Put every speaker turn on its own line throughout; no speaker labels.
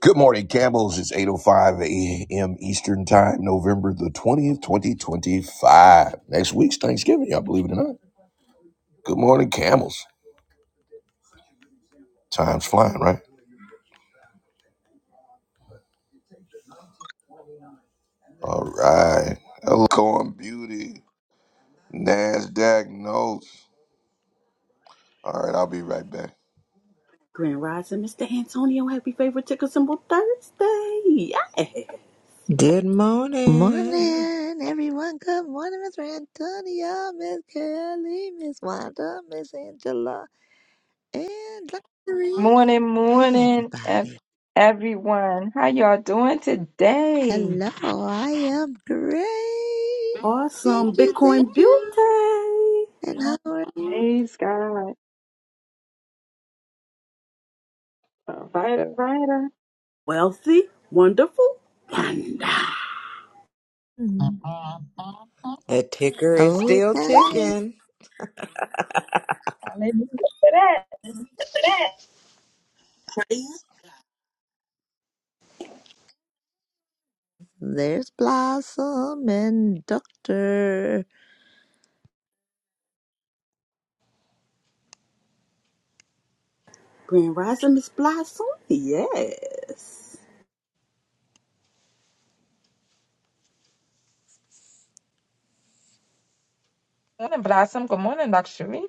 Good morning, Camels. It's 8.05 a.m. Eastern Time, November the 20th, 2025. Next week's Thanksgiving, y'all believe it or not. Good morning, Camels. Time's flying, right? All right. Hello, Corn Beauty. NASDAQ notes. All right, I'll be right back.
Grand Rising, Mr. Antonio. Happy favorite ticker symbol Thursday. Yeah.
Good morning.
Morning, everyone. Good morning, Miss Antonio, Miss Kelly, Miss Wanda, Miss Angela, and Larry.
Morning,
Hey,
morning, ev-
everybody.
everyone. How y'all doing today?
Hello, I am great. Thank
Awesome
you, thank
Bitcoin
you.
beauty.
And how are you?
Praise God. All right, all right.
Wealthy, wonderful, wonder.
Mhm.
The ticker is still
Okay.
ticking.
Hallelujah for that.
There's Blossom and Doctor.
Grand Rising, Miss Blossom. Yes.
Morning, Blossom. Good morning, Luxury.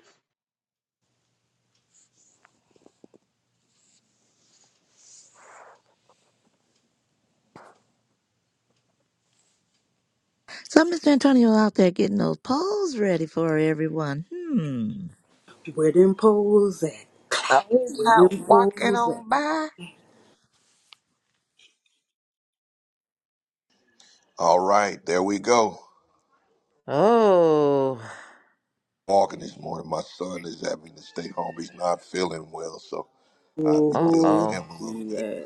So, Mr. Antonio out there getting those polls ready for everyone. Hmm.
Where them poles at? Clap.
Oh, he's
Where
not
them
walking
poles at?
on by.
All right, there we go.
Oh,
Walking this morning. My son is having to stay home. He's not feeling well, so I'll be
uh
dealing with
Ooh,
him
oh.
a little bit.
yeah.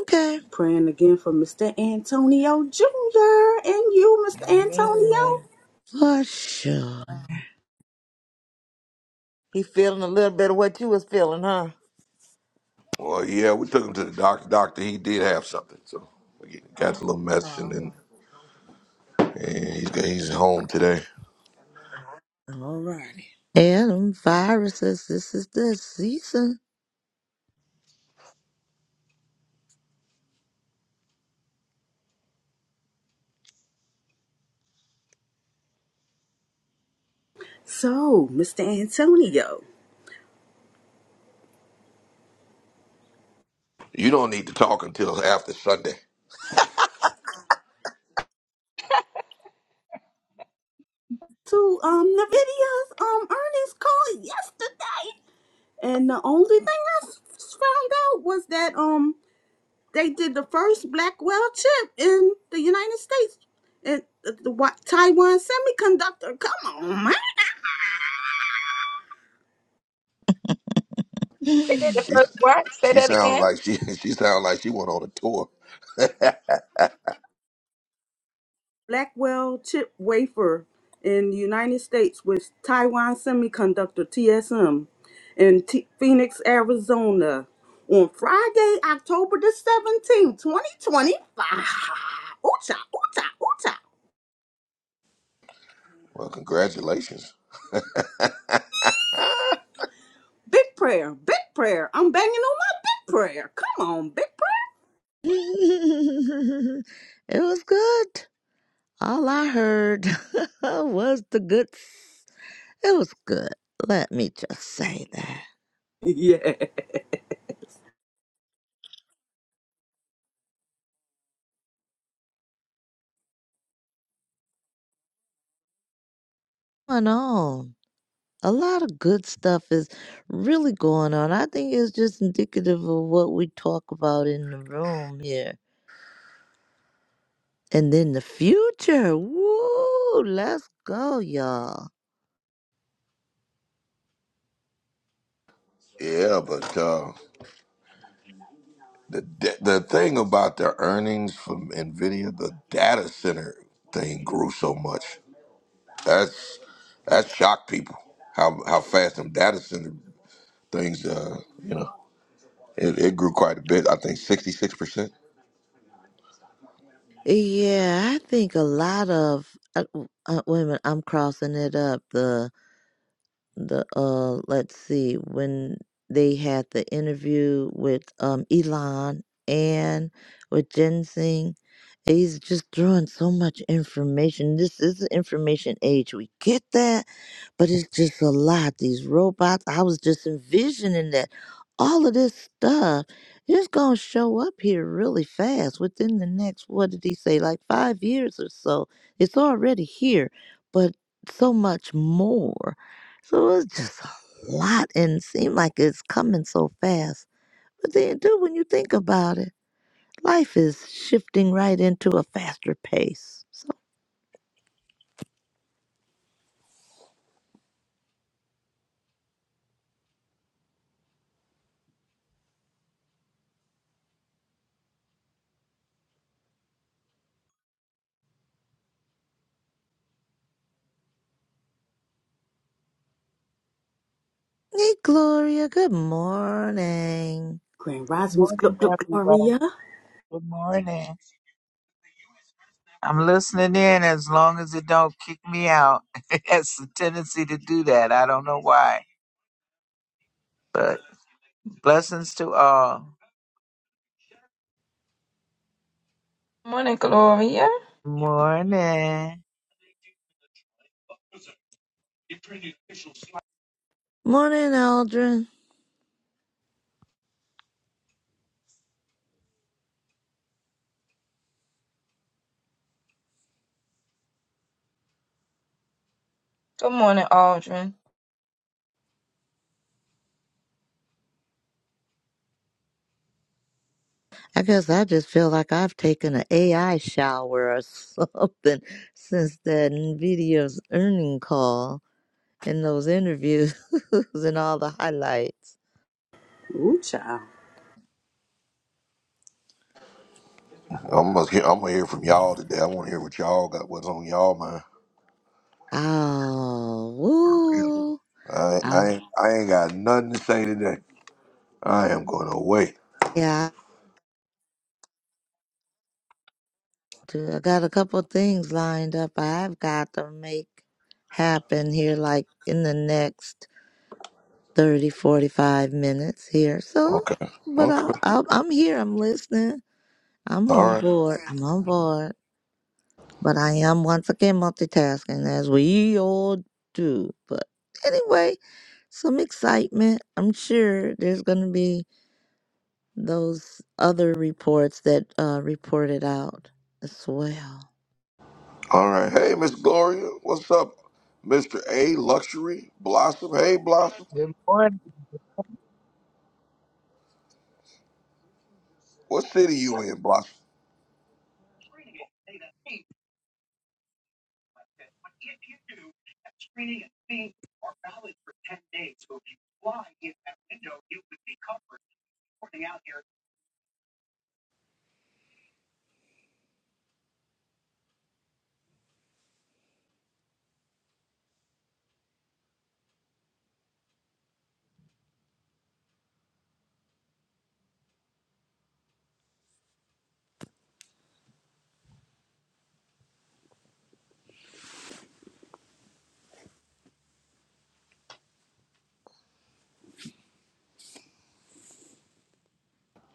Okay.
Praying again for Mr. Antonio Jr. and you, Mr.
Amen.
Antonio.
For sure.
He feeling a little bit of what you was feeling, huh?
Well, yeah, we took him to the doctor. Doctor, he did have something, so we got a little medicine, and,
Uh-huh.
and he's he's home today.
All righty.
Yeah, them viruses, this is the season.
So, Mr. Antonio.
You don't need to talk until after Sunday.
to um Nvidia's um earnings call yesterday, and the only thing I s- found out was that um they did the first Blackwell chip in the United States, and the, the Wa- Taiwan Semiconductor. Come on, man.
They did the
it
She
first what? Say
she
that
sounds
again.
like she she sounds like she went on a tour.
Blackwell chip wafer in the United States with Taiwan Semiconductor TSM in T- Phoenix, Arizona on Friday, October the 17th, 2025. Ooh-cha, ooh-cha, ooh-cha.
Well, congratulations.
Big prayer, big prayer. I'm banging on my big prayer. Come on, big prayer.
was good. All I heard was the good. It was good. Let me just say that.
Yeah.
Going on. A lot of good stuff is really going on. I think it's just indicative of what we talk about in the room here. And then the future. Woo! Let's go, y'all.
Yeah, but uh, the da- the thing about the earnings from Nvidia, the data center thing grew so much. That's that shocked people. How how fast them data center things, uh, you know. It, it grew quite a bit. I think sixty six percent.
Yeah, I think a lot of uh, uh, wait a minute, I'm crossing it up. The the uh, let's see, when they had the interview with um Elon and with Ginseng, he's just throwing so much information. This is the information age. We get that but it's just a lot. These robots, I was just envisioning that all of this stuff is going to show up here really fast within the next, what did he say, like five years or so. It's already here, but so much more. So it's just a lot and seem like it's coming so fast. But then, too, when you think about it, life is shifting right into a faster pace. So, hey, Gloria, good morning.
Grand
Good
Rosmus
morning,
Gluck Gluck
everybody.
Gloria.
Good morning. I'm listening in as long as it don't kick me out. It has a tendency to do that. I don't know why, but blessings to all.
Morning, Gloria.
Morning.
Morning, Aldrin.
Good morning, Aldrin.
I guess I just feel like I've taken an AI shower or something since that NVIDIA's earning call and those interviews and all the highlights.
Ooh-cha.
I'm gonna hear, I'm gonna hear from y'all today. I want to hear what y'all got. What's on y'all mind?
Oh,
For real.
woo.
I
I,
I ain't, I ain't got nothing to say today. I am going to wait.
yeah, I, do. I got a couple of things lined up I've got to make happen here, like in the next 30, 45 minutes here. So,
Okay.
but I,
Okay.
I, I'm here, I'm listening. I'm
All
on
right.
board. I'm on board. But I am once again multitasking as we all do. But anyway, some excitement. I'm sure there's going to be those other reports that uh, reported out as well.
All right. Hey, Miss Gloria, what's up, Mister A Luxury Blossom? Hey, Blossom.
Good morning.
What city you in, Blossom?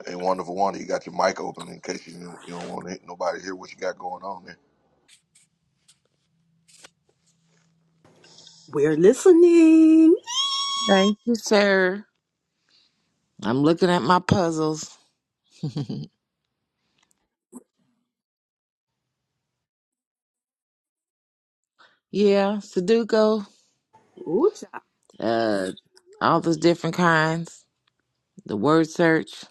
Hey, wonderful wonder. You got your mic open in case you don't- you don't want to, nobody hear what you got going on there.
We're listening.
Thank you, sir. I'm looking at my puzzles. yeah, Sudoku.
Ooh-cha.
Uh, all those different kinds. The word search.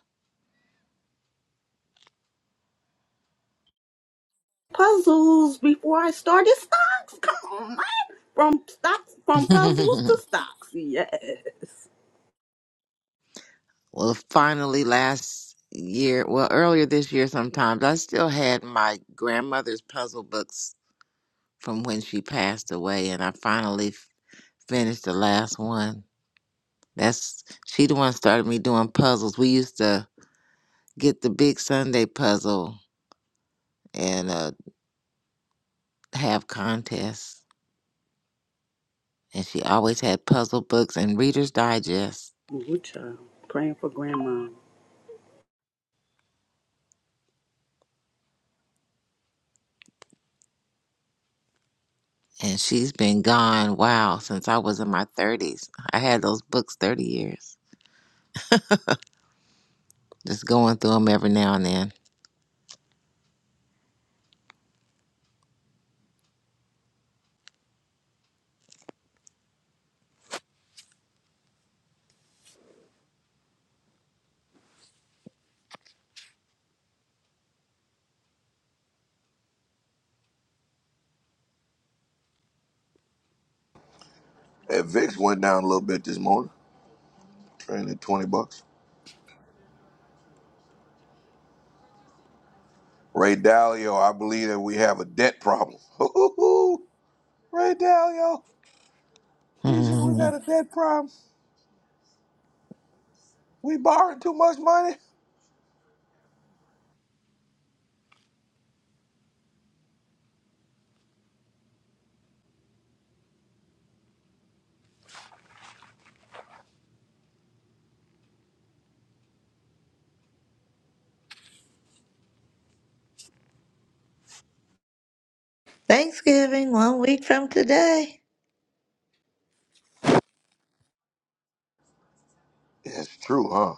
Puzzles before I started stocks. Come on. From stocks, from puzzles to stocks. Yes.
well finally last year well earlier this year sometimes i still had my grandmother's puzzle books from when she passed away and i finally f- finished the last one that's she the one started me doing puzzles we used to get the big sunday puzzle and uh, have contests and she always had puzzle books and readers digest
Ooh, child. Praying for grandma.
and she's been gone wow since i was in my 30s i had those books 30 years just going through them every now and then
Hey, Vix went down a little bit this morning. Trading at twenty bucks. Ray Dalio, I believe that we have a debt problem. Ooh, Ray Dalio, you said we
Mm,
got a debt problem. We borrowing too much money.
Thanksgiving, one week from today.
It's true, huh?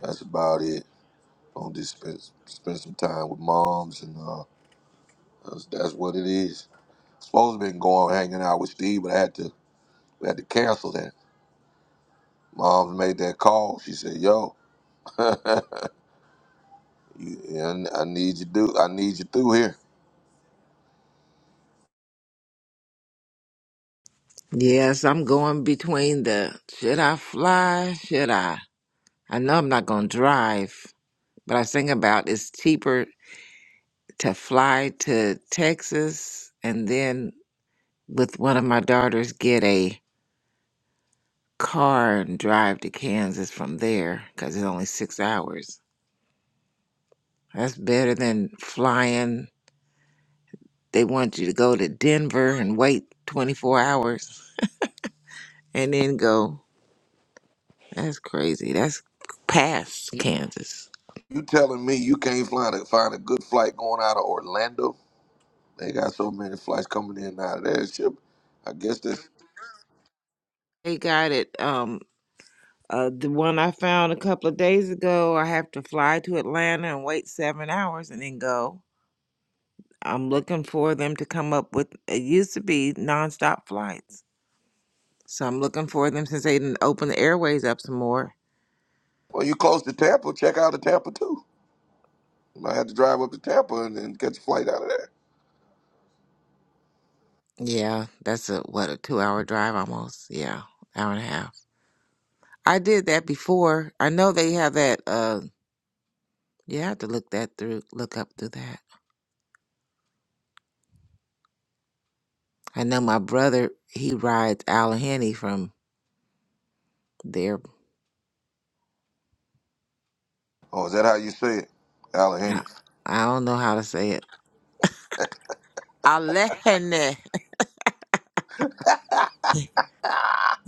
That's about it. Gonna just spend, spend some time with moms, and uh, that's, that's what it is. Supposed to been going hanging out with Steve, but I had to we had to cancel that. Moms made that call. She said, "Yo, you, I I need you do. I need you through here.
Yes, I'm going between the should I fly? Should I? I know I'm not going to drive, but I think about it's cheaper to fly to Texas and then with one of my daughters get a car and drive to Kansas from there because it's only six hours. That's better than flying. They want you to go to Denver and wait 24 hours and then go. That's crazy. That's past Kansas.
You telling me you can't find a find a good flight going out of Orlando? They got so many flights coming in and out of that ship. I guess that's
They got it. Um, uh, the one I found a couple of days ago, I have to fly to Atlanta and wait seven hours and then go. I'm looking for them to come up with, it used to be nonstop flights. So I'm looking for them since they didn't open the airways up some more.
well. You close to Tampa, check out of Tampa too. You might have to drive up to Tampa and then catch a flight out of there.
Yeah, that's a, what, a two hour drive almost. Yeah, hour and a half. I did that before. I know they have that, uh, you have to look that through, look up through that. I know my brother, he rides Allegheny from there
Oh, is that how you say it,
I
Allegheny?
I don't know how to say it. Alehene.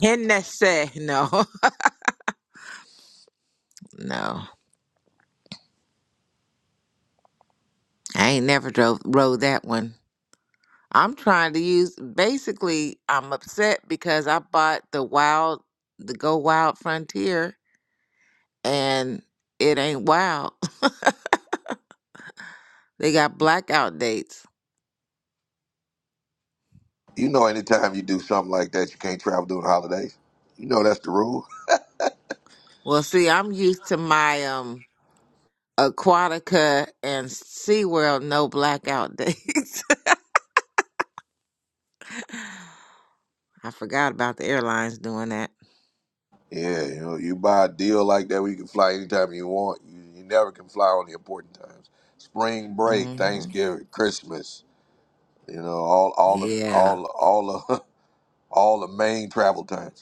Hennessy. No. No, I ain't never drove rode that one. I'm trying to use. Basically, I'm upset because I bought the wild, the Go Wild Frontier, and it ain't wild. They got blackout dates.
You know, anytime you do something like that, you can't travel during the holidays. You know that's the rule.
Well, see, I'm used to my um Aquatica and SeaWorld no blackout dates. I forgot about the airlines doing that.
Yeah, you know, you buy a deal like that where you can fly anytime you want. You, you never can fly on the important times: spring break,
Mm-hmm.
Thanksgiving, Christmas. You know, all all the
Yeah,
all all the all the main travel times.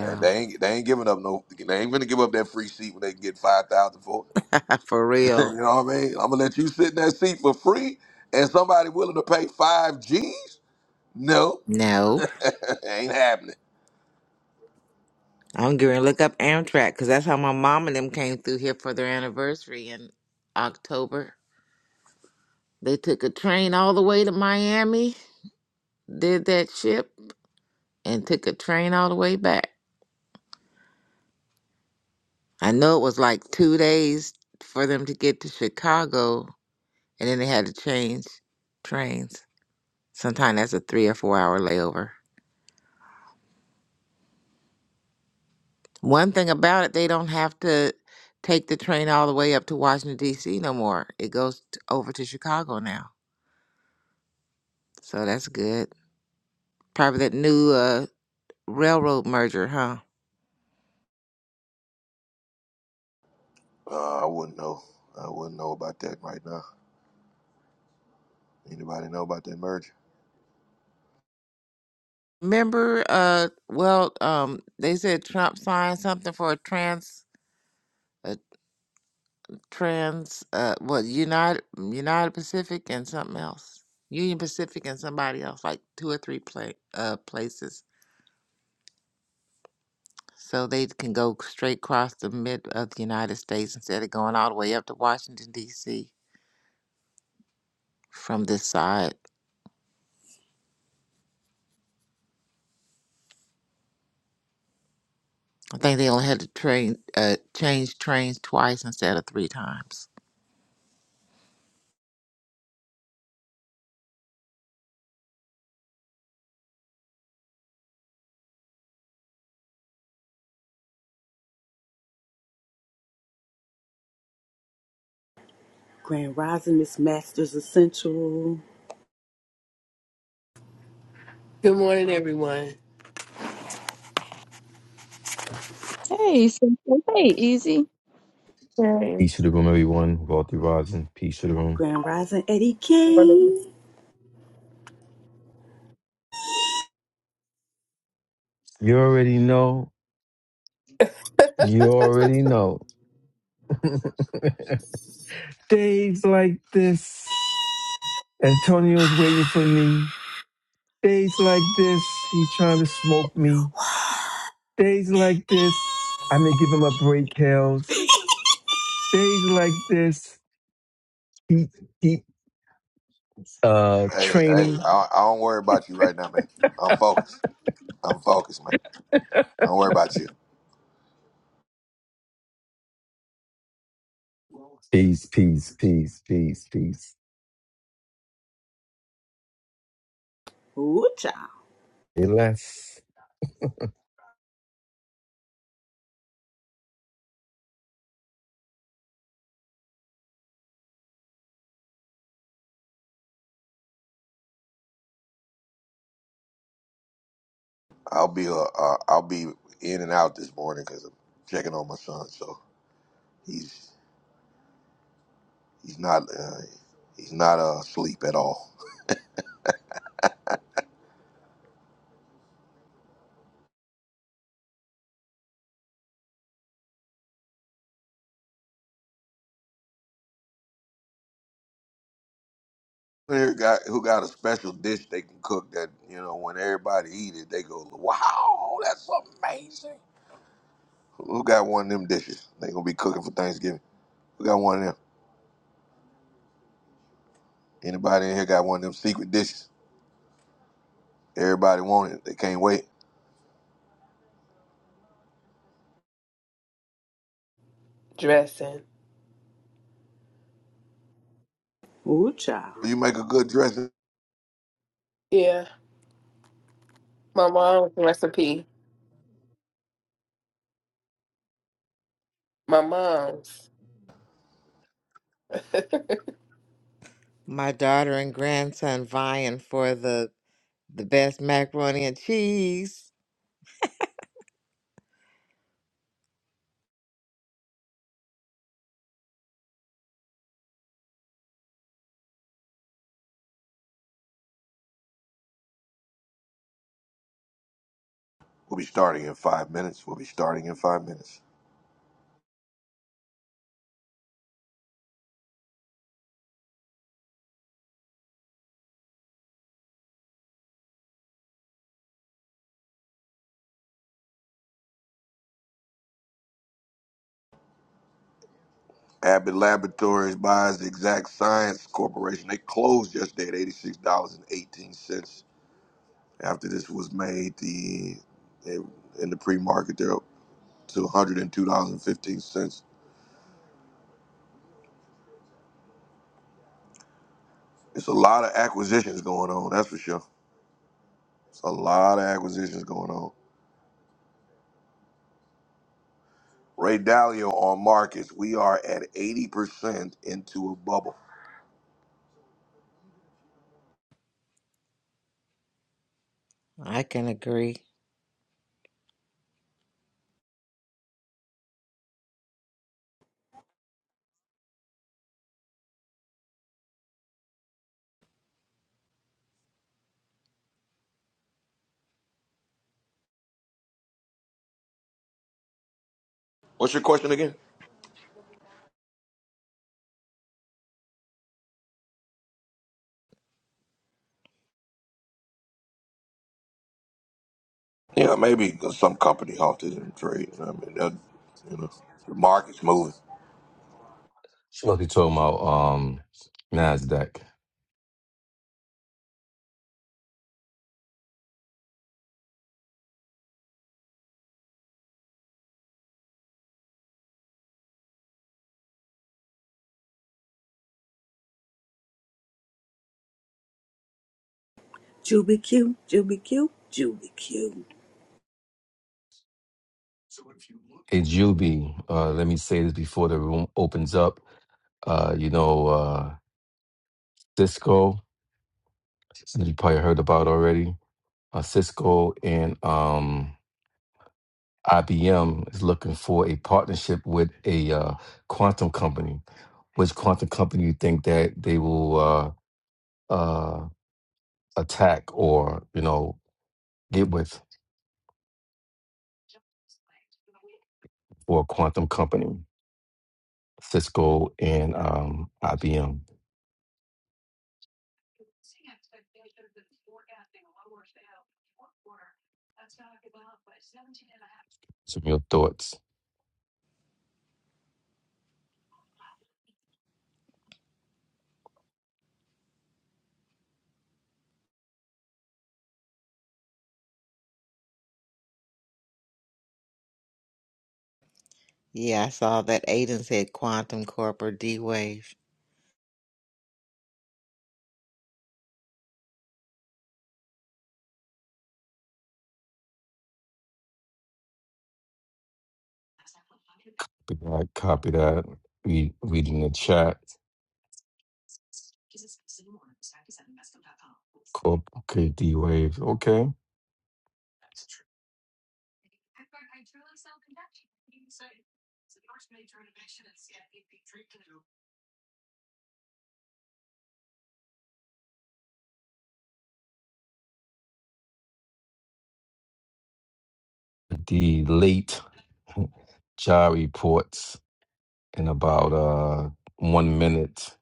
And they ain't they ain't giving up no they ain't gonna give up that free seat when they can get five thousand for it.
for
you
real.
know what I mean? I'm gonna let you sit in that seat for free and somebody willing to pay five G's? No.
No,
ain't happening.
I'm going to look up Amtrak because that's how my mom and them came through here for their anniversary in October. They took a train all the way to Miami, did that ship, and took a train all the way back. I know it was like two days for them to get to Chicago, and then they had to change trains. Sometimes that's a three or four hour layover. One thing about it, they don't have to take the train all the way up to Washington D.C. no more. It goes t- over to Chicago now, so that's good. Probably that new uh, railroad merger, huh?
Uh, I wouldn't know. I wouldn't know about that right now. Anybody know about that merger?
Remember, uh, well, um, they said Trump signed something for a trans, a trans, uh, what United United Pacific and something else, Union Pacific and somebody else, like two or three pla uh, places. So they can go straight across the mid of the United States instead of going all the way up to Washington D.C. from this side. I think they only had to train uh, change trains twice instead of three times.
Grand Rising Miss Masters Essential.
Good morning, everyone.
Hey, Cynthia. Hey, Easy.
Hey.
Peace to the room, everyone. Wealthy Rising. Peace to the room.
Grand Rising Eddie
Morning.
King.
You already know. You already know. Days like this, Antonio's waiting for me. Days like this, he trying to smoke me. Days like this, I'm gonna give him a break, Hells. Days like this, he he uh
Hey, hey,
training.
I, I don't worry about you right now, man. I'm focused. I'm focused, man. Don't worry about you.
Peace, peace, peace, peace, peace.
Ooh, child.
Hey, Les.
I'll be uh, uh, I'll be in and out this morning because I'm checking on my son. So he's He's not. Uh, he's not uh, asleep at all. Who got who got a special dish they can cook that you know when everybody eat it they go wow that's amazing. Who got one of them dishes? They gonna be cooking for Thanksgiving. Who got one of them? Anybody in here got one of them secret dishes? Everybody want it. They can't wait.
Dressing.
Ooh, child.
You make a good dressing.
Yeah, my mom's recipe. My mom's.
My daughter and grandson vying for the the best macaroni and cheese.
We'll be starting in five minutes. We'll be starting in five minutes. Abbott Laboratories buys Exact Science Corporation. They closed yesterday at eighty six dollars and eighteen cents. After this was made, the they, in the pre-market they're up to one hundred and two dollars and fifteen cents. It's a lot of acquisitions going on, that's for sure. It's a lot of acquisitions going on. Ray Dalio on markets, we are at eighty percent into a bubble.
I can agree.
What's your question again? Yeah, maybe some company halted in trade. I mean, that, you know, the market's moving.
She must be talking about um Nasdaq.
Juby Q. Juby Q. Juby Q.
Hey, Juby, uh, let me say this before the room opens up. Uh, you know, uh, Cisco, that you probably heard about already. Uh, Cisco and um, IBM is looking for a partnership with a uh, quantum company. Which quantum company you think that they will uh, uh, attack or, you know, get with for a quantum company? Cisco and um, IBM. Some of your thoughts.
Yeah, I saw that Aiden said Quantum Corp or D Wave.
I copy that. We read in the chat. Corp. Okay, D Wave. Okay. The late job reports in about uh one minute.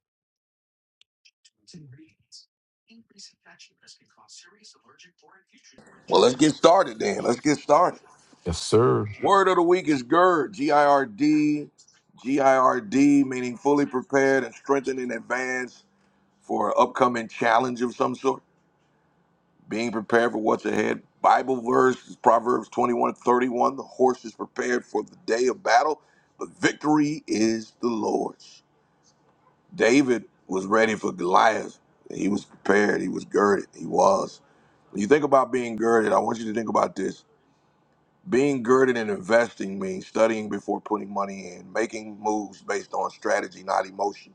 Well, let's get started then. Let's get started.
Yes, sir.
Word of the week is GIRD, G I R D, G I R D, meaning fully prepared and strengthened in advance for an upcoming challenge of some sort. Being prepared for what's ahead. Bible verse is Proverbs 21 31. The horse is prepared for the day of battle, but victory is the Lord's. David was ready for Goliath. He was prepared. He was girded. He was. When you think about being girded, I want you to think about this. Being girded in investing means studying before putting money in, making moves based on strategy, not emotion,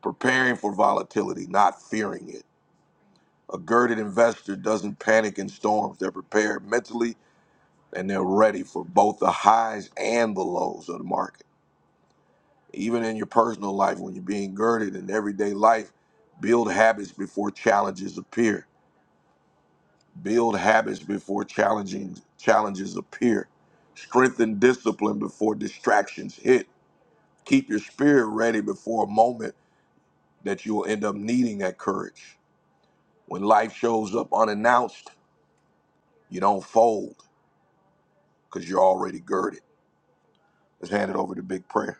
preparing for volatility, not fearing it. A girded investor doesn't panic in storms. They're prepared mentally and they're ready for both the highs and the lows of the market. Even in your personal life, when you're being girded in everyday life, build habits before challenges appear. Build habits before challenging challenges appear. Strengthen discipline before distractions hit Keep your spirit ready before a moment that you will end up needing that courage. When life shows up unannounced, you don't fold because you're already girded. Let's hand it over to Big Prayer.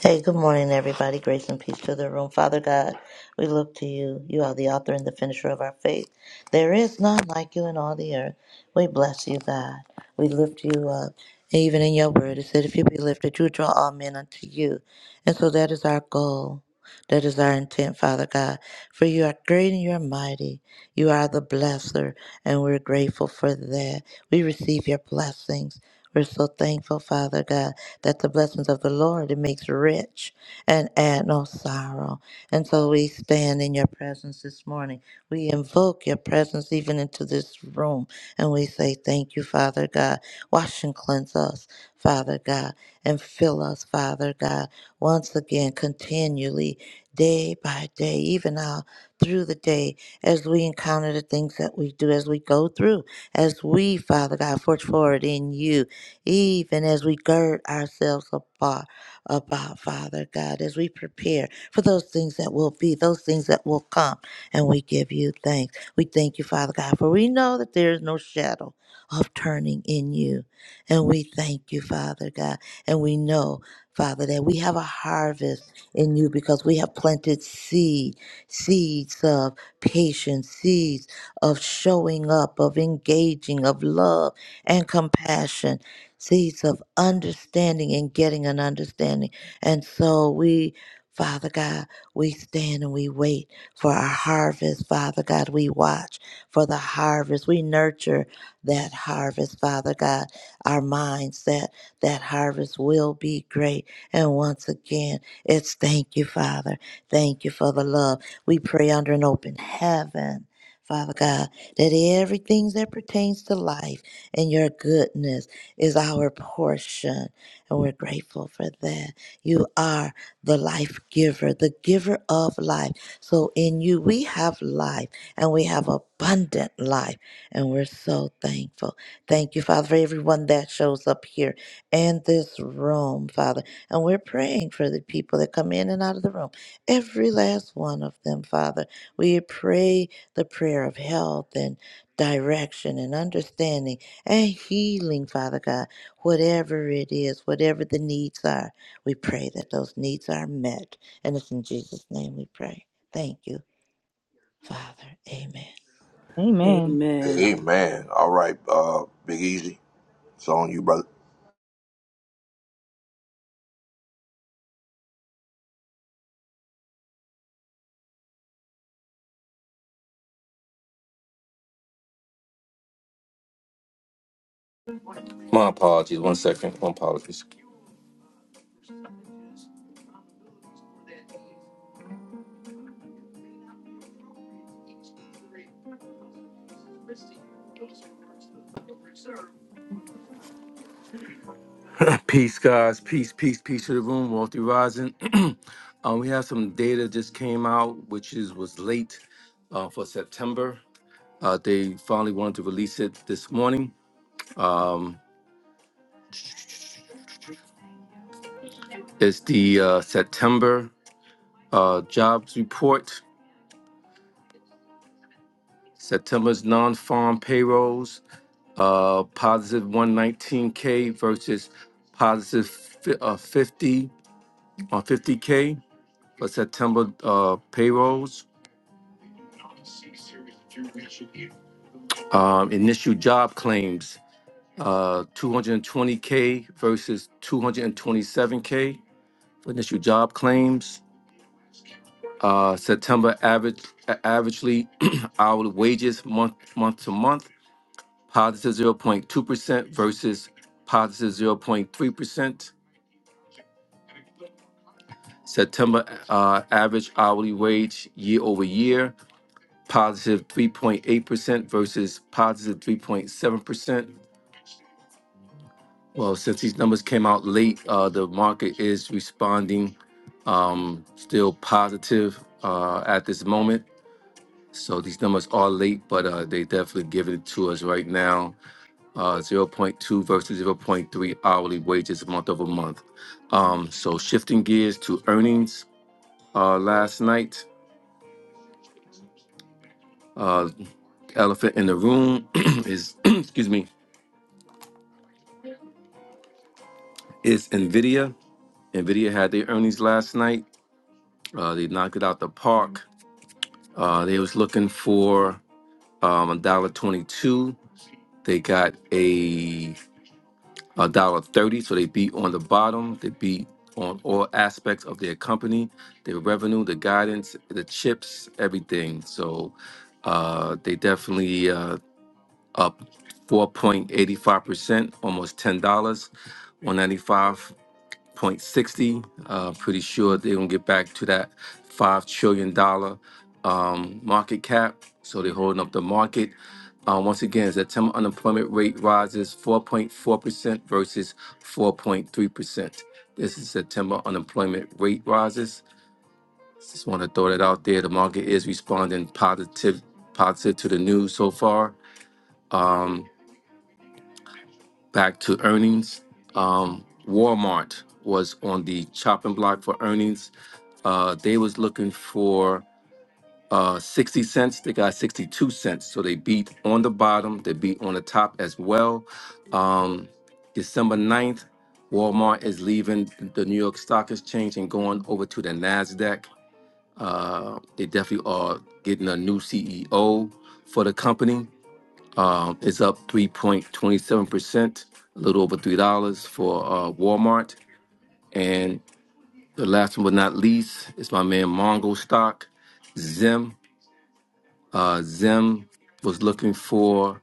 Hey, good morning, everybody. Grace and peace to the room. Father God, we look to you. You are the author and the finisher of our faith. There is none like you in all the earth. We bless you, God. We lift you up. And even in your word, it said, if you be lifted, you draw all men unto you. And so that is our goal. That is our intent, Father God. For you are great and you are mighty. You are the blesser, and we're grateful for that. We receive your blessings. We're so thankful, Father God that the blessings of the Lord it makes rich and add no sorrow. And so we stand in your presence this morning. We invoke your presence even into this room. And we say, Thank you, Father God. Wash and cleanse us, Father God, and fill us, Father God, once again, continually, day by day, even now through the day, as we encounter the things that we do, as we go through, as we, Father God, forge forward in you even as we gird ourselves about, about, Father God, as we prepare for those things that will be, those things that will come. And we give you thanks. We thank you, Father God, for we know that there is no shadow of turning in you. And we thank you, Father God. And we know, Father, that we have a harvest in you because we have planted seed, seeds of patience, seeds of showing up, of engaging, of love and compassion seeds of understanding and getting an understanding. And so we, Father God, we stand and we wait for our harvest, Father God. We watch for the harvest. We nurture that harvest, Father God. Our minds that that harvest will be great. And once again, it's thank you, Father. Thank you for the love. We pray under an open heaven. Father God, that everything that pertains to life and your goodness is our portion, and we're grateful for that. You are the life giver, the giver of life. So in you, we have life, and we have abundant life, and we're so thankful. Thank you, Father, for everyone that shows up here in this room, Father. And we're praying for the people that come in and out of the room, every last one of them, Father. We pray the prayer of health and direction and understanding and healing, Father God, whatever it is, whatever the needs are. We pray that those needs are met. And it's in Jesus' name we pray. Thank you, Father. Amen.
Amen.
Amen.
Amen. All right, uh, Big Easy. It's on you, brother.
My apologies. One second. My apologies. peace, guys. Peace, peace, peace to the room. Wealthy rising. Um, we have some data just came out, which is was late uh, for September. Uh, they finally wanted to release it this morning. Um, it's the uh, September uh, jobs report, September's non farm payrolls, uh, positive 119K versus positive fi- uh, 50 on 50K for September uh, payrolls. Um, initial job claims, uh, 220K versus 227K for initial job claims. Uh, September average, a- averagely hourly wages month month to month positive 0.2% versus positive 0.3%. September uh, average hourly wage year over year, positive 3.8% versus positive 3.7%. Well, since these numbers came out late, uh, the market is responding um, still positive uh, at this moment. So these numbers are late, but uh, they definitely give it to us right now uh, zero point 0.2 versus zero point 0.3 hourly wages month over month. Um, so shifting gears to earnings uh, last night, uh, elephant in the room is excuse me is Nvidia. Nvidia had their earnings last night. Uh, they knocked it out the park. Uh, they was looking for um, twenty two. They got a a dollar thirty. So they beat on the bottom. They beat on all aspects of their company, their revenue, the guidance, the chips, everything. So uh, they definitely uh, up 4.85%, almost $10, one ninety-five. 0.60. Uh, pretty sure they're gonna get back to that five trillion dollar um, market cap. So they're holding up the market. Uh, once again, September unemployment rate rises 4.4 percent versus 4.3 percent. This is September unemployment rate rises. Just want to throw that out there. The market is responding positive, positive to the news so far. Um, back to earnings. Um, Walmart was on the chopping block for earnings Uh, they was looking for uh, 60 cents. They got 62 cents. So they beat on the bottom. They beat on the top as well. Um, December 9th, Walmart is leaving the New York Stock Exchange and going over to the NASDAQ. Uh, they definitely are getting a new CEO for the company. Um, it's up 3.27%, a little over $3 for uh, Walmart. And the last one but not least is my man Mongo Stock. Zim. Uh, Zim was looking for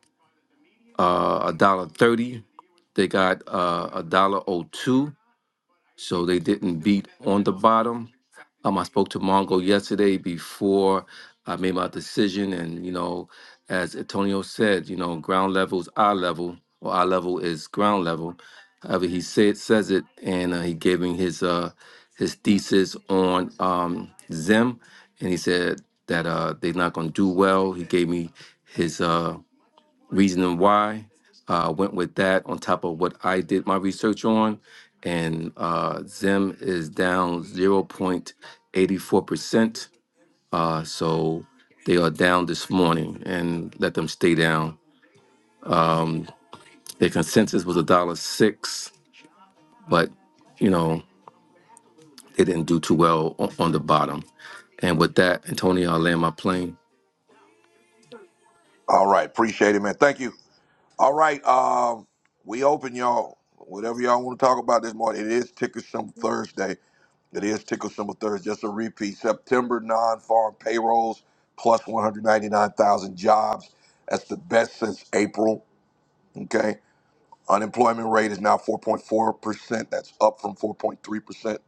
uh a dollar thirty. They got uh a dollar oh two, so they didn't beat on the bottom. Um, I spoke to Mongo yesterday before I made my decision, and you know, as Antonio said, you know, ground level is eye level, or eye level is ground level. However, he said says it, and uh, he gave me his uh his thesis on um Zim, and he said that uh they're not going to do well. He gave me his uh reasoning why. Uh, went with that on top of what I did my research on, and uh, Zim is down 0.84%. Uh, so they are down this morning, and let them stay down. Um, their consensus was a dollar six, but you know they didn't do too well on, on the bottom. And with that, Antonio, I'll land my plane.
All right, appreciate it, man. Thank you. All right, um, we open y'all. Whatever y'all want to talk about this morning, it is Ticker Some Thursday. It is Tickle Symbol Thursday. Just a repeat. September non-farm payrolls plus 199,000 jobs. That's the best since April. Okay. Unemployment rate is now 4.4%. That's up from 4.3%.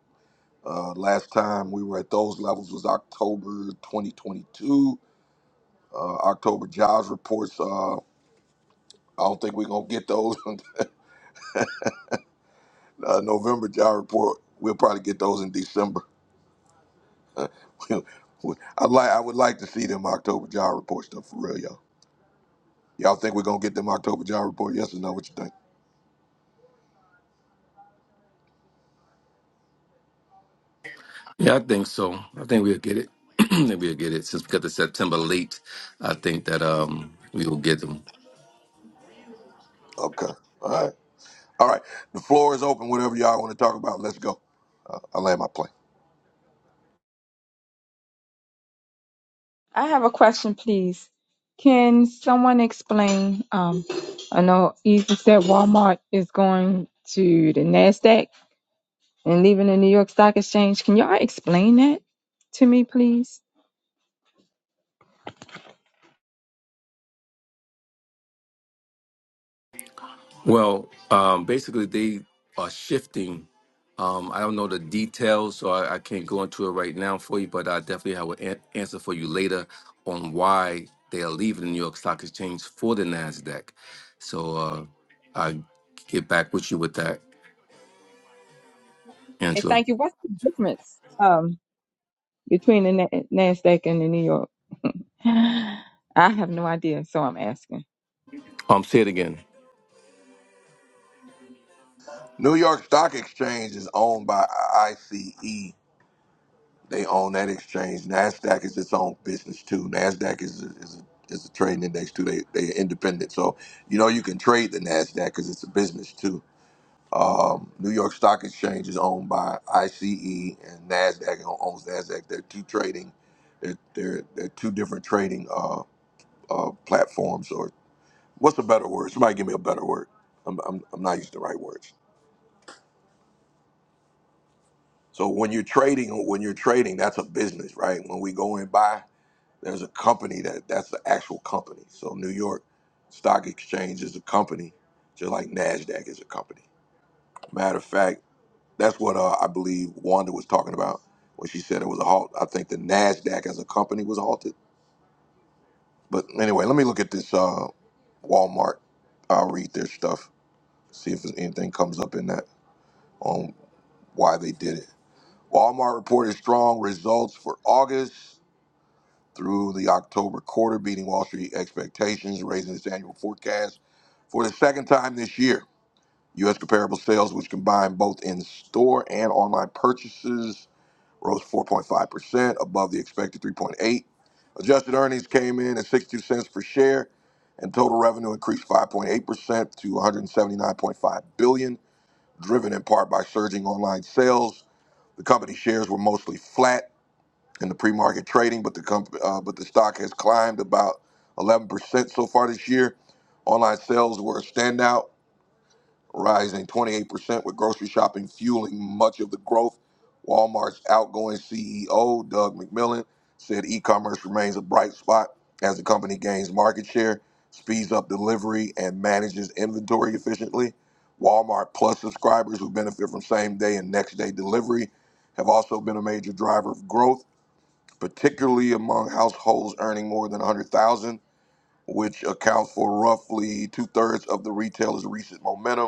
Uh, last time we were at those levels was October 2022. Uh, October jobs reports. Uh, I don't think we're gonna get those. uh, November job report. We'll probably get those in December. I like. I would like to see them October job report stuff for real, y'all. Y'all think we're gonna get them October job report? Yes or no? What you think?
Yeah, I think so. I think we'll get it. I think we'll get it since we got the September late. I think that um we will get them.
Okay. All right. All right. The floor is open. Whatever y'all want to talk about, let's go. Uh, I land my plane.
I have a question, please. Can someone explain? Um, I know Easy said Walmart is going to the NASDAQ. and leaving the New York Stock Exchange. Can y'all explain that to me, please?
Well, um, basically they are shifting. Um, I don't know the details, so I, I can't go into it right now for you. But I definitely have an an- answer for you later on why they are leaving the New York Stock Exchange for the Nasdaq. So uh, I get back with you with that,
Okay,
Angela.
thank you. What's the difference um, between the Na- NASDAQ and the New York? I have no idea, so I'm asking.
Um, say it again.
New York Stock Exchange is owned by ICE. They own that exchange. Nasdaq is its own business too. Nasdaq is a, is a, is a trading index too. They they are independent, so you know you can trade the Nasdaq because it's a business too. Um, New York Stock Exchange is owned by ICE and Nasdaq owns Nasdaq. They're two trading, they're they're, they're two different trading uh, uh, platforms. Or what's a better word? Somebody give me a better word. I'm, I'm, I'm not using the right words. So when you're trading, when you're trading, that's a business, right? When we go and buy, there's a company that that's the actual company. So New York Stock Exchange is a company, just like Nasdaq is a company. Matter of fact. That's what uh, I believe Wanda was talking about when she said it was a halt. I think the Nasdaq as a company was halted. But anyway, let me look at this uh, Walmart. I'll read their stuff, see if anything comes up in that on why they did it. Walmart reported strong results for August through the October quarter, beating Wall Street expectations, raising its annual forecast for the second time this year. U.S. comparable sales, which combine both in store and online purchases, rose 4.5% above the expected 3.8. Adjusted earnings came in at 62 cents per share, and total revenue increased 5.8% to 179.5 billion, dollars, driven in part by surging online sales. The company shares were mostly flat in the pre-market trading, but the comp- uh, but the stock has climbed about 11% so far this year. Online sales were a standout, rising 28%, with grocery shopping fueling much of the growth. Walmart's outgoing CEO, Doug McMillon said e commerce remains a bright spot as the company gains market share, speeds up delivery, and manages inventory efficiently. Walmart Plus subscribers who benefit from same day and next day delivery have also been a major driver of growth, particularly among households earning more than 100000 which accounts for roughly two thirds of the retailer's recent momentum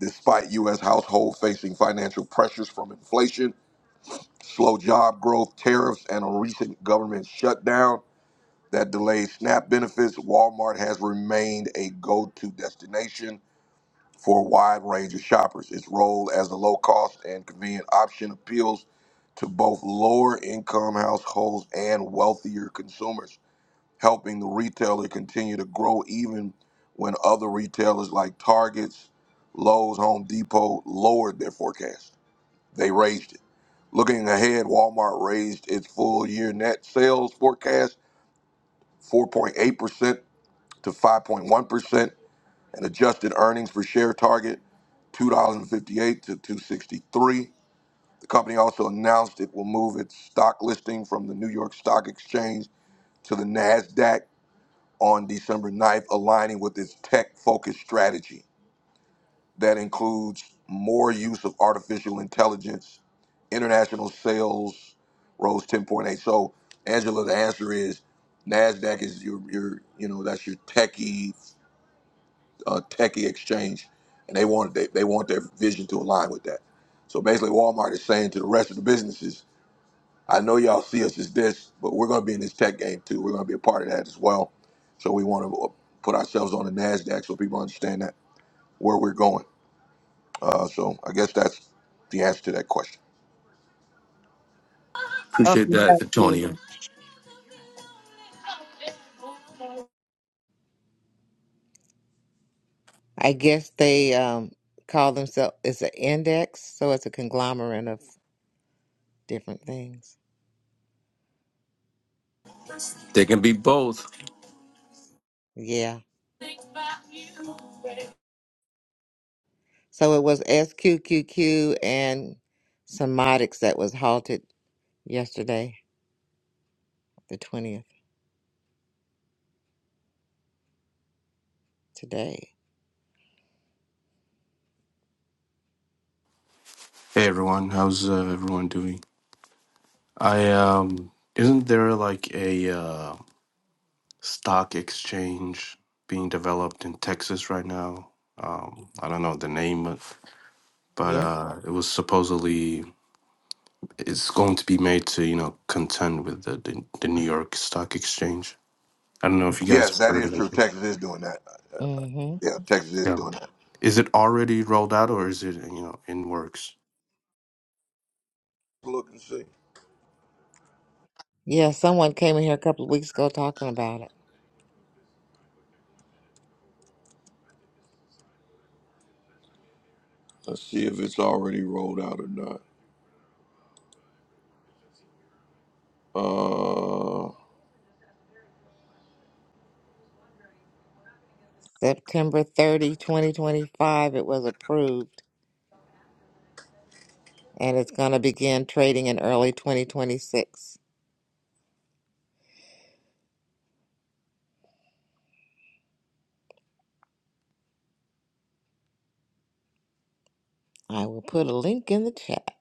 despite U.S. households facing financial pressures from inflation, slow job growth, tariffs, and a recent government shutdown that delayed SNAP benefits, Walmart has remained a go to destination for a wide range of shoppers. Its role as a low cost and convenient option appeals to both lower income households and wealthier consumers helping the retailer continue to grow even when other retailers like Targets, Lowe's, Home Depot lowered their forecast. They raised it. Looking ahead, Walmart raised its full year net sales forecast 4.8% to 5.1% and adjusted earnings per share target $2.58 to 263. The company also announced it will move its stock listing from the New York Stock Exchange to the Nasdaq on December ninth, aligning with its tech focused strategy that includes more use of artificial intelligence. International sales rose 10.8. So, Angela, the answer is NASDAQ is your, your you know, that's your techie, uh, techie exchange. And they want, they, they want their vision to align with that. So basically, Walmart is saying to the rest of the businesses, I know y'all see us as this, but we're going to be in this tech game too. We're going to be a part of that as well. So we want to put ourselves on the Nasdaq so people understand that where we're going. Uh, so I guess that's the answer to that question.
Appreciate
Okay,
that,
thank you.
Antonio.
I guess they um, call themselves it's an index, so it's a conglomerate of different things.
They can be both.
Yeah. So it was SQQQ and Somatics that was halted yesterday, the 20th, today.
Hey everyone, how's uh, everyone doing? I um, isn't there like a uh, stock exchange being developed in Texas right now? Um, I don't know the name, but, but
Yeah.
uh, it was supposedly it's going to be made to you know contend with the, the the New York Stock Exchange. I don't know if you guys
Yes,
have
that
heard
is
of it.
true. Texas is doing that.
Mm-hmm.
Yeah, Texas is
Yeah,
doing that.
is it already rolled out or is it you know in works?
Look and see.
Yeah, someone came in here a couple of weeks ago talking about it.
Let's see if it's already rolled out or not. Uh,
September 30, 2025, it was approved, and it's going to begin trading in early 2026. I will put a link in the chat.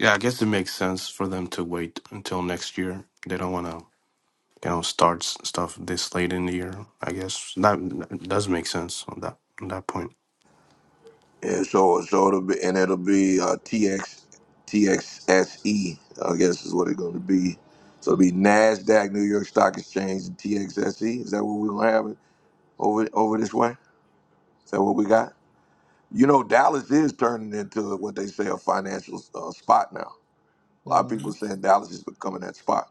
Yeah, I guess it makes sense for them to wait until next year. They don't want to you know, start s- stuff this late in the year. I guess that, that does make sense on that on that point.
Yeah, so, so it'll be, and it'll be uh, TX, TXSE, I guess is what it's going to be. So it'll be NASDAQ, New York Stock Exchange, and TXSE. Is that what we're going to have it over, over this way? Is that what we got? You know, Dallas is turning into what they say a financial uh, spot now. A lot of people
Mhm.
saying Dallas is becoming that spot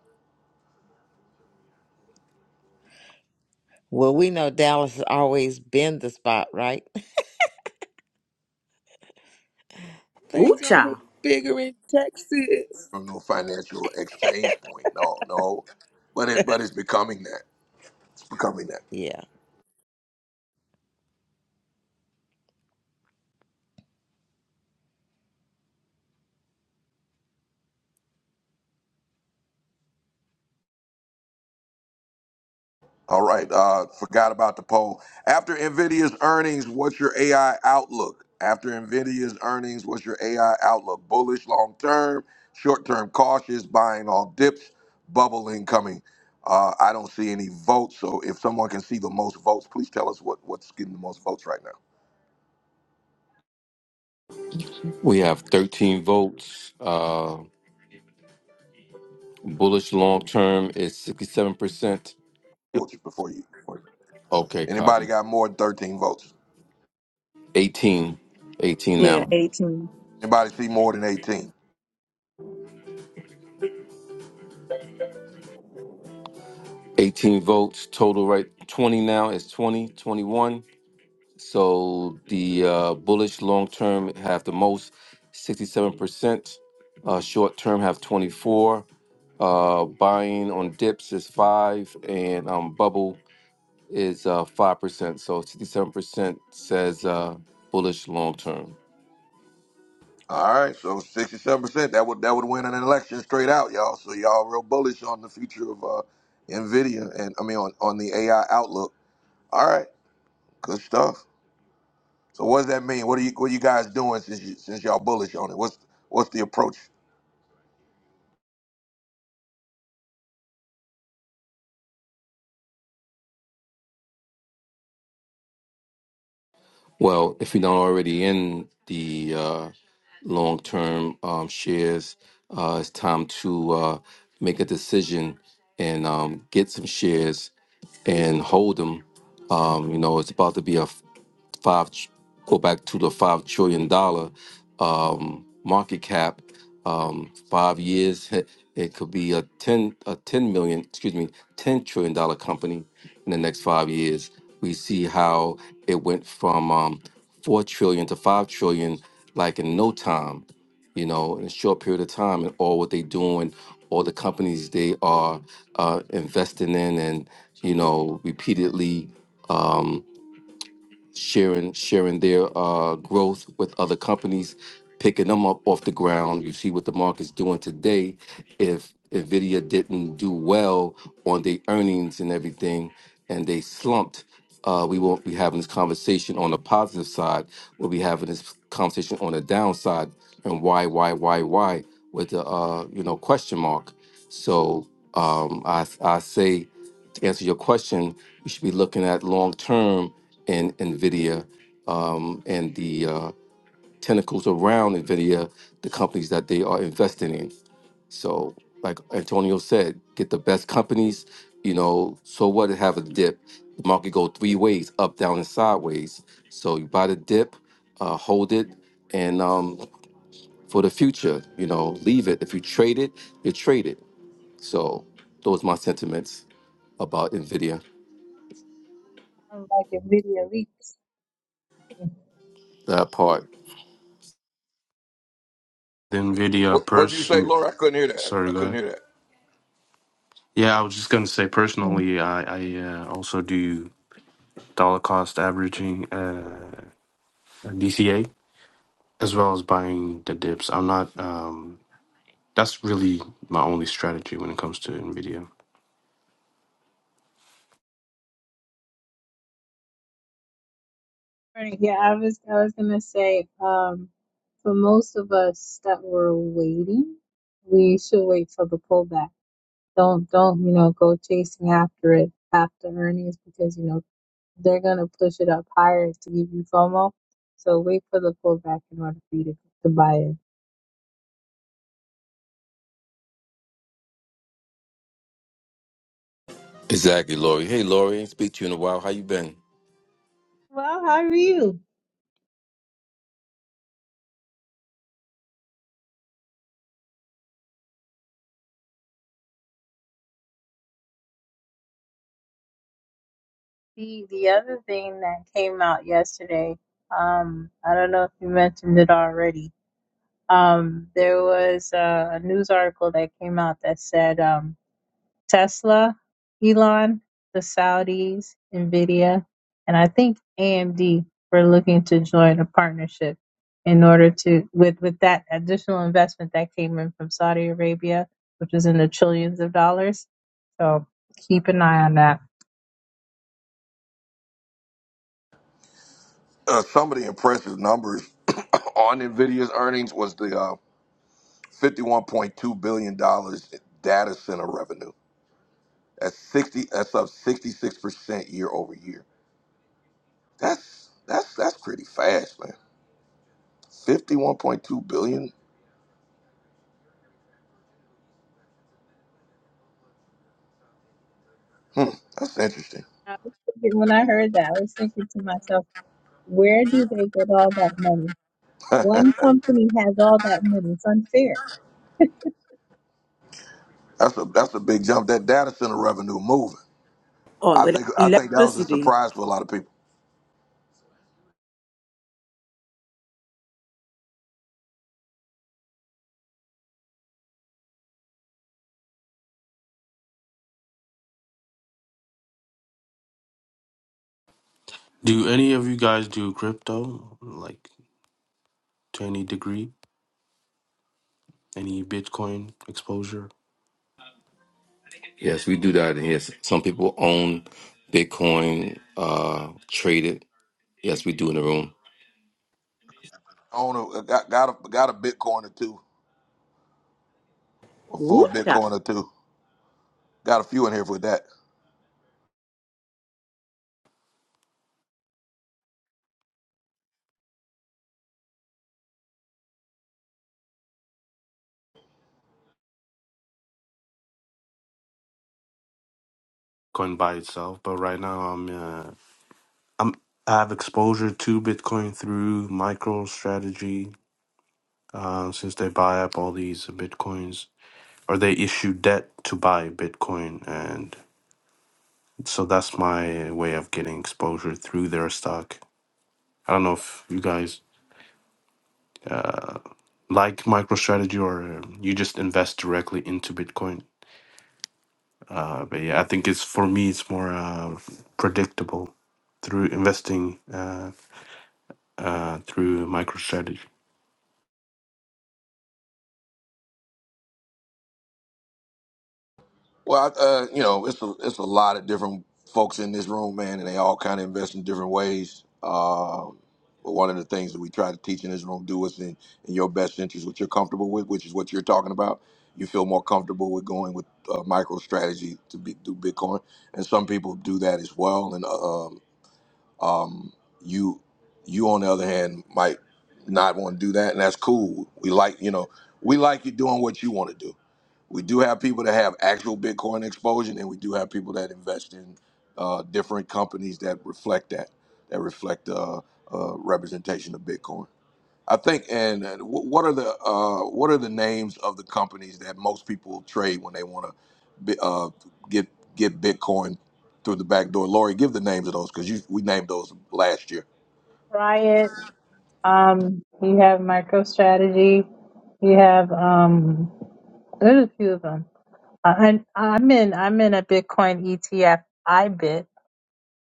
Well, we know Dallas has always been the spot, right?
Ooh,
Things always
child.
bigger in Texas.
from no financial exchange point. No, no. But it, but it's becoming that. It's becoming that.
yeah.
All right. Uh, forgot about the poll. After Nvidia's earnings, what's your AI outlook? After Nvidia's earnings, what's your AI outlook? Bullish long term, short term cautious, buying all dips, bubble incoming. Uh, I don't see any votes. So if someone can see the most votes, please tell us what, what's getting the most votes right now.
We have 13 votes. Uh, bullish long term is 67%.
Votes before you.
Okay,
Anybody
copy.
got more than 13 votes?
18. 18
Yeah,
now.
18.
Anybody see more than 18?
18 votes total right 20 now is 20 21 so the uh, bullish long term have the most 67% uh, short term have 24 uh, buying on dips is 5 and um, bubble is uh, five percent. So sixty-seven percent says uh, bullish long term.
All right, so sixty-seven percent that would that would win an election straight out, y'all. So y'all real bullish on the future of uh, Nvidia and I mean on, on the AI outlook. All right, good stuff. So what does that mean? What are you what are you guys doing since you, since y'all bullish on it? What's what's the approach?
Well, if you're not already in the uh, long term um, shares, uh, it's time to uh, make a decision and um, get some shares and hold them. Um, you know, it's about to be a five tr- go back to the five trillion dollar um, market cap. Um, five years, it could be a ten a ten million, excuse me, ten trillion dollar company in the next five years. We see how it went from um, four trillion to five trillion, like in no time, you know, in a short period of time, and all what they doing, all the companies they are uh, investing in, and you know, repeatedly. Um, sharing sharing their uh, growth with other companies, picking them up off the ground. You see what the market's doing today. If Nvidia didn't do well on their earnings and everything, and they slumped, uh, we won't be having this conversation on the positive side. We'll be having this conversation on the downside and why, why, why, why with the uh, you know question mark. So um, I I say to answer your question, we should be looking at long term in NVIDIA um, and the uh, tentacles around NVIDIA, the companies that they are investing in. So, like Antonio said, get the best companies. You know, so what? to Have a dip. The market go three ways: up, down, and sideways. So you buy the dip, uh, hold it, and um, for the future, you know, leave it. If you trade it, you trade it. So those are my sentiments about Nvidia.
I'm like a video leaks.
That part.
The
What
Nvidia
what'd you say,
person,
Laura? I couldn't hear that. I
sorry, go
couldn't
ahead.
hear that.
Yeah, I was just gonna say personally, I I uh, also do dollar cost averaging, uh, DCA, as well as buying the dips. I'm not. Um, that's really my only strategy when it comes to Nvidia.
Right, Yeah, I was I was gonna say, um, for most of us that were waiting, we should wait for the pullback. Don't don't, you know, go chasing after it after earnings because you know they're gonna push it up higher to give you FOMO. So wait for the pullback in order for you to, to buy it.
Exactly, Lori. Hey, Lori, ain't speak to you in a while. How you been?
Well, how are you? The the other thing that came out yesterday, um, I don't know if you mentioned it already, Um, there was uh, a news article that came out that said um, Tesla, Elon, the Saudis, Nvidia, and I think AMD were looking to join a partnership in order to with with that additional investment that came in from Saudi Arabia, which was in the trillions of dollars. So keep an eye on that.
Uh, some of the impressive numbers on Nvidia's earnings was the uh, fifty-one point two billion dollars data center revenue. That's sixty. That's up sixty-six percent year over year That's that's that's pretty fast, man. Fifty-one point two billion. Hmm, that's interesting.
I was thinking, when I heard that, I was thinking to myself, where do they get all that money? One company has all that money. It's unfair
That's a that's a big jump. That data center revenue moving.
All
I
of that
think I think that was a
electricity.
surprise for a lot of people.
Do any of you guys do crypto, like to any degree? Any Bitcoin exposure?
Yes, we do that in here. Some people own Bitcoin, uh, trade it. Yes, we do in the room.
I own a, got got a, got a Bitcoin or two, a full
Ooh, child.
Bitcoin or two. Got a few in here for that.
Coin by itself, but right now I'm. uh, I'm I have exposure to Bitcoin through MicroStrategy uh, since they buy up all these Bitcoins or they issue debt to buy Bitcoin, and so that's my way of getting exposure through their stock. I don't know if you guys uh, like MicroStrategy or you just invest directly into Bitcoin, uh, but yeah, I think it's for me it's more uh, predictable through investing uh, uh, through MicroStrategy.
Well, I, uh, you know, it's a, it's a lot of different folks in this room, man, and they all kind of invest in different ways. Um, but one of the things that we try to teach in this room, do what's in, in your best interest, what you're comfortable with, which is what you're talking about. You feel more comfortable with going with uh, micro strategy to be, do Bitcoin, and some people do that as well. And uh, um, you, you on the other hand, might not want to do that, and that's cool. We like, you know, we like you doing what you want to do we do have people that have actual Bitcoin exposure, and we do have people that invest in uh, different companies that reflect that, that reflect uh, uh, representation of Bitcoin. I think. And uh, wh- what are the uh, what are the names of the companies that most people trade when they want to uh, get get Bitcoin through the back door? Lori, give the names of those because you we named those last year.
Riot. Um, you have MicroStrategy. You have um, there's a few of them. Uh, and I'm in I'm in a Bitcoin ETF IBIT.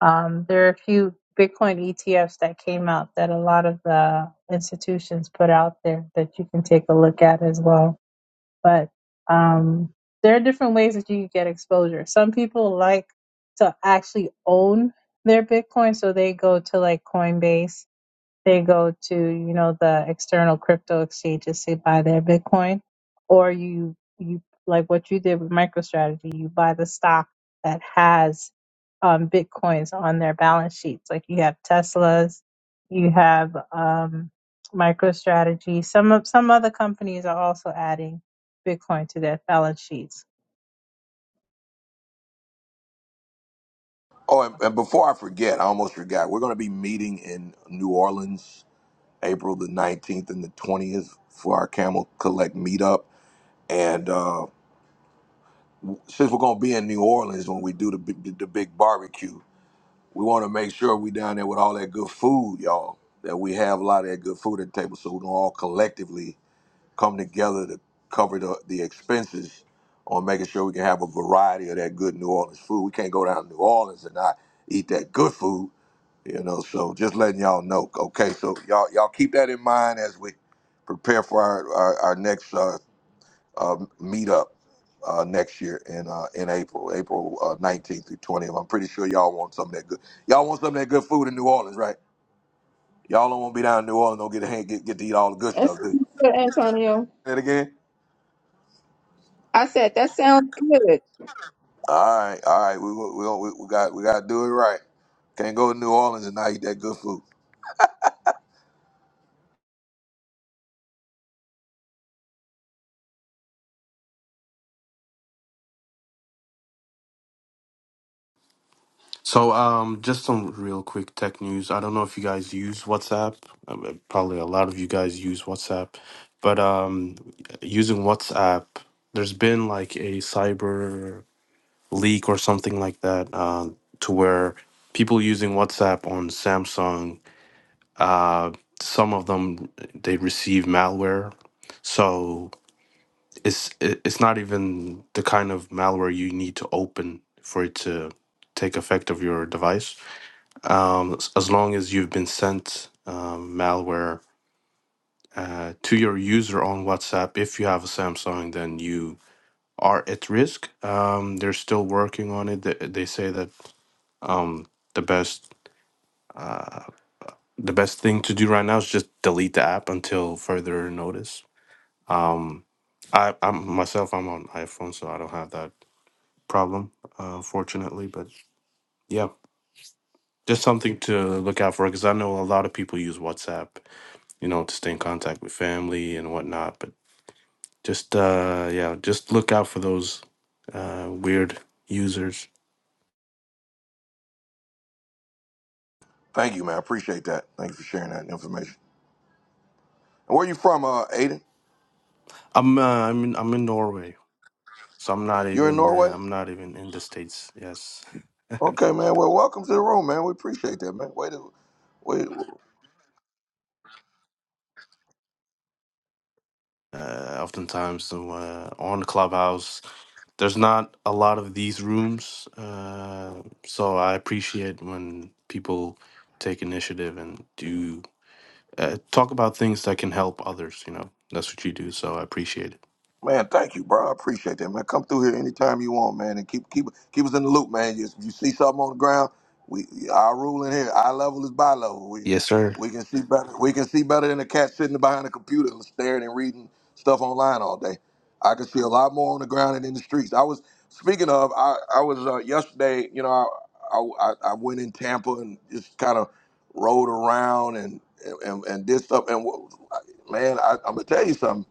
Um, there are a few Bitcoin ETFs that came out that a lot of the institutions put out there that you can take a look at as well. But um, there are different ways that you can get exposure. Some people like to actually own their Bitcoin, so they go to like Coinbase they go to you know the external crypto exchanges to buy their bitcoin or you you like what you did with microstrategy you buy the stock that has um, bitcoins on their balance sheets like you have teslas you have um, microstrategy some of some other companies are also adding bitcoin to their balance sheets
Oh, and, and before I forget, I almost forgot. We're going to be meeting in New Orleans April the 19th and the 20th for our Camel Collect meetup. And uh, since we're going to be in New Orleans when we do the, big- the big barbecue, we want to make sure we down there with all that good food, y'all, that we have a lot of that good food at the table so we can all collectively come together to cover the, the expenses on making sure we can have a variety of that good New Orleans food. We can't go down to New Orleans and not eat that good food. You know, so just letting y'all know. Okay, so y'all y'all keep that in mind as we prepare for our our, our next uh, uh, meetup uh, next year in uh, in April, April uh, nineteenth through twentieth. I'm pretty sure y'all want some of that good. Y'all want some of that good food in New Orleans, right? Y'all don't want to be down in New Orleans. Don't get to get get to eat all the good
That
stuff. Do you?
sounds good, Antonio.
Say it again.
I said, that sounds good.
All right, all right. We we we, we got we got to do it right. Can't go to New Orleans and not eat that good food.
So, um, just some real quick tech news. I don't know if you guys use WhatsApp. Uh, uh, Probably a lot of you guys use WhatsApp, but um, using WhatsApp, there's been like a cyber leak or something like that, uh, to where people using WhatsApp on Samsung, uh, some of them they receive malware. So it's it- it's not even the kind of malware you need to open for it to take effect of your device um, s- as long as you've been sent um, malware uh, to your user on WhatsApp. If you have a Samsung, then you are at risk. Um, they're still working on it. They, they say that um, the best uh, the best thing to do right now is just delete the app until further notice. Um, I, I'm myself. I'm on iPhone, so I don't have that problem, uh, fortunately. But yeah, just something to look out for because I know a lot of people use WhatsApp you know, to stay in contact with family and whatnot. But just uh yeah, just look out for those uh weird users.
Thank you, man. I appreciate that. Thank you for sharing that information. And where you from, uh, Aiden?
I'm uh, I'm in, I'm in Norway, so I'm not
You're in
even uh,
Norway?
I'm not even in the states. Yes.
Okay, man. Well, welcome to the room, man. We appreciate that, man. Way to, wait.
Uh, oftentimes so, uh, on Clubhouse, there's not a lot of these rooms, uh, so I appreciate when people take initiative and do uh, talk about things that can help others. You know, that's what you do, so I appreciate it.
Man, thank you, bro. I appreciate that, man. Come through here anytime you want, man, and keep keep keep us in the loop, man. You, you see something on the ground, we our rule in here, our level is by level. We
Yes, sir.
we can see better. We can see better than a cat sitting behind a computer and staring and reading stuff online all day. I can see a lot more on the ground and in the streets. I was speaking of. I I was uh, yesterday. You know, I, I I I went in Tampa and just kind of rode around and and and did stuff. And man, I, I'm gonna tell you something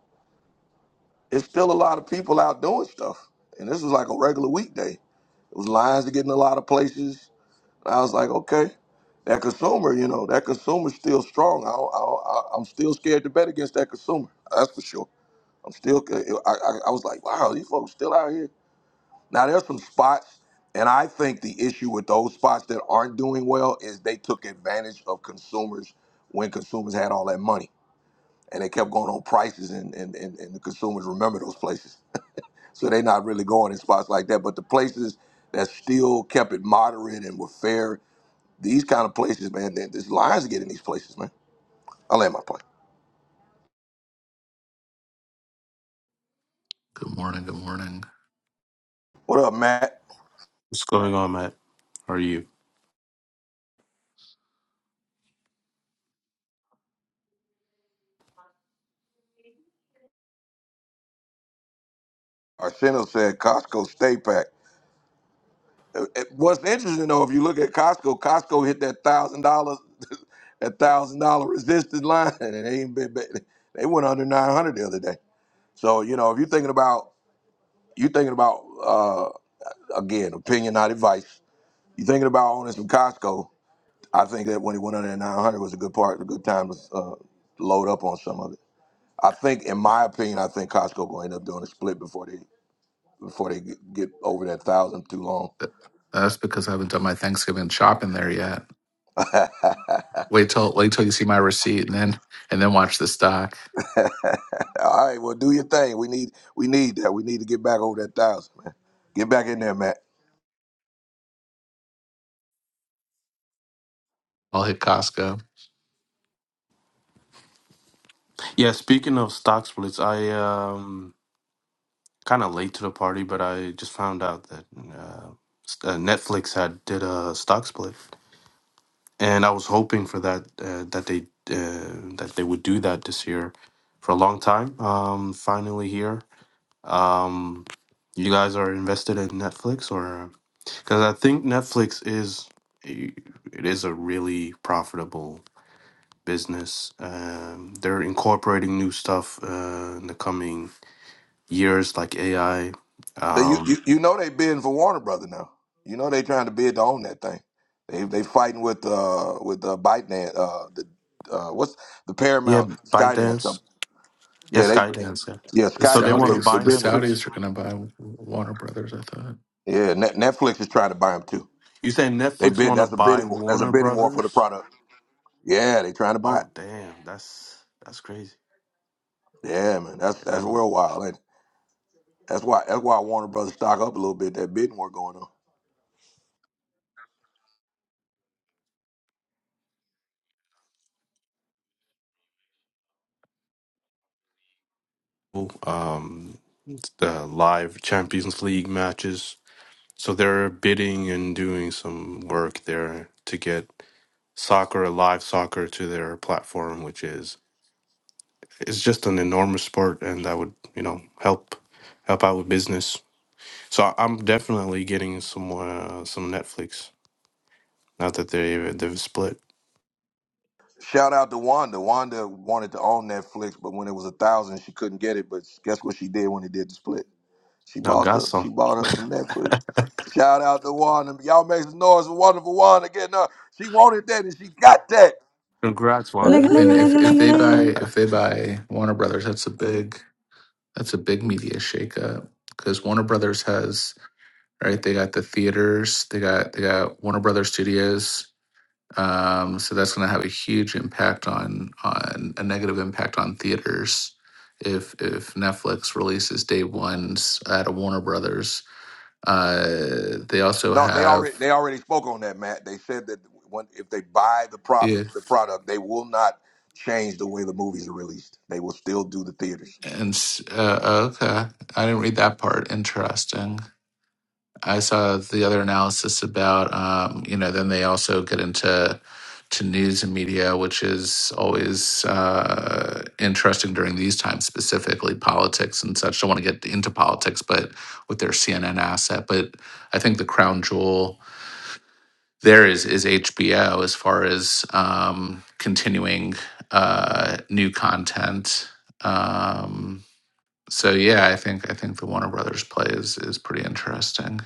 it's still a lot of people out doing stuff. And this was like a regular weekday. It was lines to get in a lot of places. And I was like, okay, that consumer, you know, that consumer's still strong. I, I, I, I'm still scared to bet against that consumer. That's for sure. I'm still, I, I, I was like, wow, these folks still out here. Now, there's some spots, and I think the issue with those spots that aren't doing well is they took advantage of consumers when consumers had all that money. And they kept going on prices, and, and, and, and the consumers remember those places. So they're not really going in spots like that. But the places that still kept it moderate and were fair, these kind of places, man, th- this lines get in these places, man. I land my plane.
Good morning. Good morning.
What up, Matt?
What's going on, Matt? How are you?
Arsenio said Costco stay pack. Uh, uh, What's interesting though, if you look at Costco, Costco hit that thousand dollars, that thousand dollar resistance line, and they ain't been, been- they went under nine hundred the other day. So you know, if you're thinking about you thinking about uh, again opinion, not advice. You're thinking about owning some Costco. I think that when he went under that 900 was a good part, a good time to uh, load up on some of it. I think, in my opinion, I think Costco gonna end up doing a split before they before they get, get over that thousand too long.
Th- That's because I haven't done my Thanksgiving shopping there yet.
All
Wait till wait till you see my receipt, and then and then watch the stock.
right, well, do your thing. We need we need that. We need to get back over that thousand, man. Get back in there, Matt.
I'll hit Costco.
Yeah, speaking of stock splits, I um kind of late to the party, but I just found out that uh, s- uh, Netflix had did a stock split, and I was hoping for that uh, that they uh, that they would do that this year for a long time. Um, finally here. Um, you guys are invested in Netflix, or because I think Netflix is a- it is a really profitable business. Um, they're incorporating new stuff uh, in the coming years, like AI.
Uh, You you,
Um,
you know they bidding for Warner Brother now. You know they trying to bid to own that thing. They they fighting with uh with uh, ByteDance, uh the uh what's the
yeah,
Paramount Skydance company.
ByteDance. Yeah,
Yeah, they
Skydance. Yeah.
yeah
The
So they
Skydance.
want to
They
Saudis,
they
buy
the
bid with them.
Netflix.
Saudis are going to buy Warner Brothers. I thought.
Yeah, Net, Netflix is trying to buy them too.
You saying
They
Netflix
bid.
want to
That's a
buy
bidding. war- That's a
Warner
bidding war for the
Brothers?
product. Yeah, they trying to buy it.
Oh, damn, that's that's crazy.
Yeah, man. That's
Yeah,
that's
that would.
real wild. Ain't it? That's why that's why Warner Brothers stock up a little bit. That bidding war going on.
Cool. Um, the live Champions League matches. So they're bidding and doing some work there to get soccer, live soccer, to their platform, which is it's just an enormous sport and that would you know help help out with business so I- i'm definitely getting some uh, some netflix now that they they've split
Shout out to Wanda. Wanda wanted to own Netflix, but when it was a thousand, she couldn't get it. But guess what she did when it did the split? She
now
bought
got
up. She
some
bought her some Netflix. Shout out to Wanda. Y'all make some noise for wonderful Wanda getting her. She wanted that and she got that.
congrats
Ling a
wanda
I
ling
mean,
a
Ooh.
if
ling a
if
ling a
they buy
ling.
if they buy Warner Brothers, that's a big that's a big media shakeup because Warner Brothers has right. They got the theaters. They got they got Warner Brothers Studios. Um, so that's going to have a huge impact on on a negative impact on theaters if if Netflix releases day ones at a Warner Brothers. Uh, they also
No, they
have
already they already spoke on that, Matt. They said that when, if they buy the prop the
if
product, they will not change the way the movies are released. They will still do the theaters.
and s- uh, okay, I didn't read that part. Interesting. I saw the other analysis about, um, you know, then they also get into to news and media, which is always uh, interesting during these times, specifically politics and such. Don't want to get into politics, but with their CNN asset, but I think the crown jewel there is is HBO as far as um, continuing uh, new content. Um, so yeah, I think I think the Warner Brothers play is is pretty interesting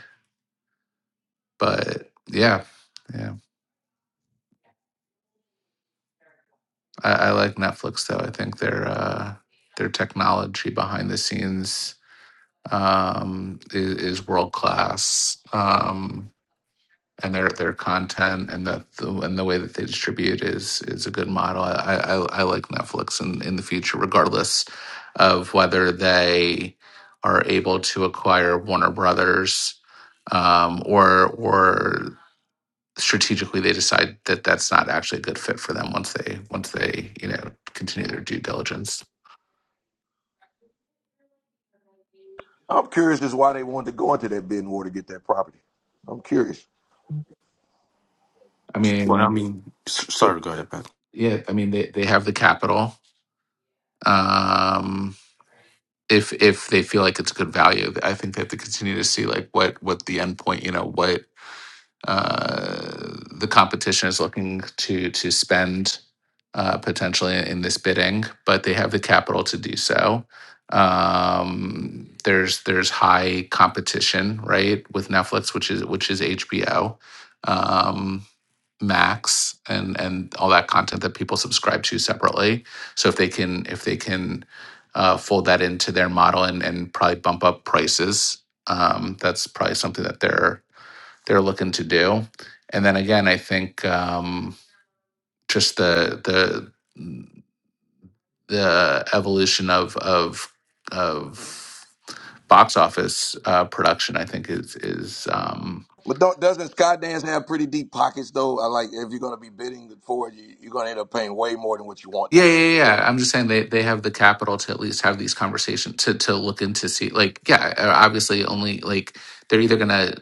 but yeah, yeah, I, I like Netflix though. I think their uh, their technology behind the scenes um, is, is world class, um, and their their content and the, the and the way that they distribute is is a good model. I I, I I like Netflix in in the future, regardless of whether they are able to acquire Warner Brothers um, or or strategically they decide that that's not actually a good fit for them once they once they you know continue their due diligence
I'm curious as why they wanted to go into that bidding war to get that property. I'm curious.
i
well i
mean
mean s-
it,
sorry go ahead Matt.
yeah i mean they, they have the capital um if if they feel like it's good value i think they have to continue to see like what what the end point you know what uh, the competition is looking to to spend uh, potentially in this bidding, but they have the capital to do so. Um, there's there's high competition, right, with Netflix, which is which is HBO um, Max, and and all that content that people subscribe to separately. So if they can if they can uh, fold that into their model and and probably bump up prices, um, that's probably something that they're they're looking to do. And then again, I think um, just the the the evolution of of of box office uh, production, I think is is um,
But don't, doesn't Skydance have pretty deep pockets though? I like if you're gonna be bidding for it, you, you're gonna end up paying way more than what you want
yeah
to.
yeah yeah. yeah. I'm just saying they they have the capital to at least have these conversations to to look into see like yeah uh, obviously only like they're either gonna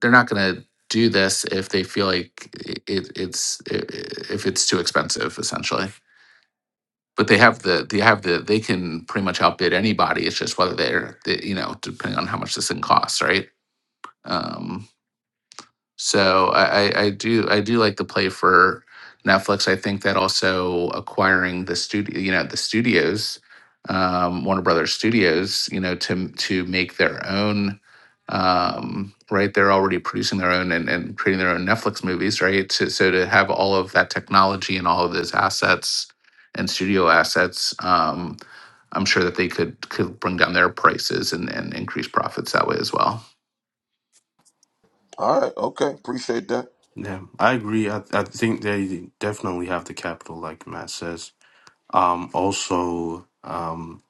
they're not gonna do this if they feel like it, it's if it's too expensive essentially but they have the they have the they can pretty much outbid anybody. It's just whether they're they, you know depending on how much this thing costs, right? Um, so I, I, I do I do like the play for Netflix. I think that also acquiring the studio, you know, the studios, um, Warner Brothers Studios, you know, to to make their own, um, right? They're already producing their own and, and creating their own Netflix movies, right? So, so to have all of that technology and all of those assets and studio assets, um, I'm sure that they could could bring down their prices and, and increase profits that way as well.
All right, okay, appreciate that.
yeah i agree I, I think they definitely have the capital like matt says um also um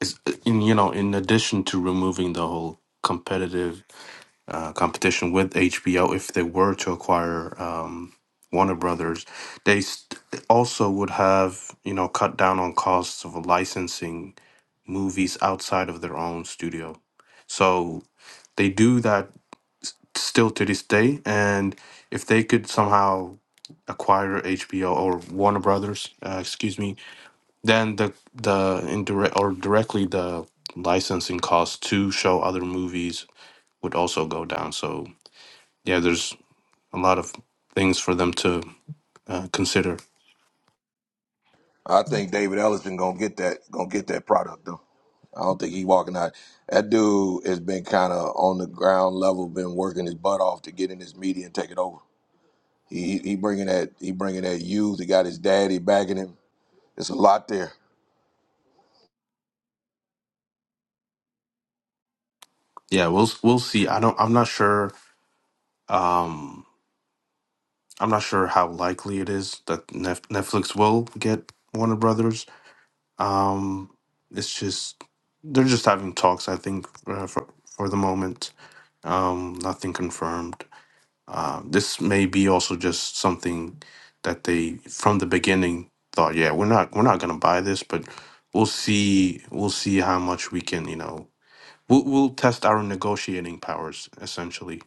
it's in you know in addition to removing the whole competitive uh, competition with HBO if they were to acquire um, Warner Brothers. They st- also would have, you know, cut down on costs of licensing movies outside of their own studio. So they do that still to this day. And if they could somehow acquire HBO or Warner Brothers, uh, excuse me, then the the indirect or directly the licensing costs to show other movies would also go down. So yeah, there's a lot of things for them to uh, consider.
I think David Ellison gonna get that gonna get that product though. I don't think he walking out. That dude has been kind of on the ground level, been working his butt off to get in this media and take it over. He he he bringing that he bringing that youth. He got his daddy backing him. It's a lot there.
Yeah, we'll we'll see. I don't. I'm not sure. Um, I'm not sure how likely it is that Nef- Netflix will get Warner Brothers. Um, it's just they're just having talks. I think uh, for for the moment, um, nothing confirmed. Uh, this may be also just something that they from the beginning thought. Yeah, we're not we're not gonna buy this, but we'll see. We'll see how much we can. You know We'll, we'll test our negotiating powers, essentially.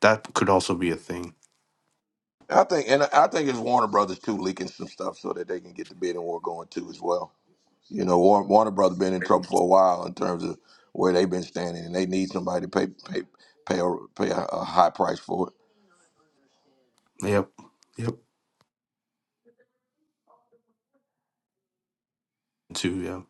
That could also be a thing.
I think and I think it's Warner Brothers too leaking some stuff so that they can get the bidding war going too as well. You know, Warner, Warner Brothers been in trouble for a while in terms of where they've been standing, and they need somebody to pay pay pay a, pay a, a high price for it.
Yep. Yep. Too, yeah.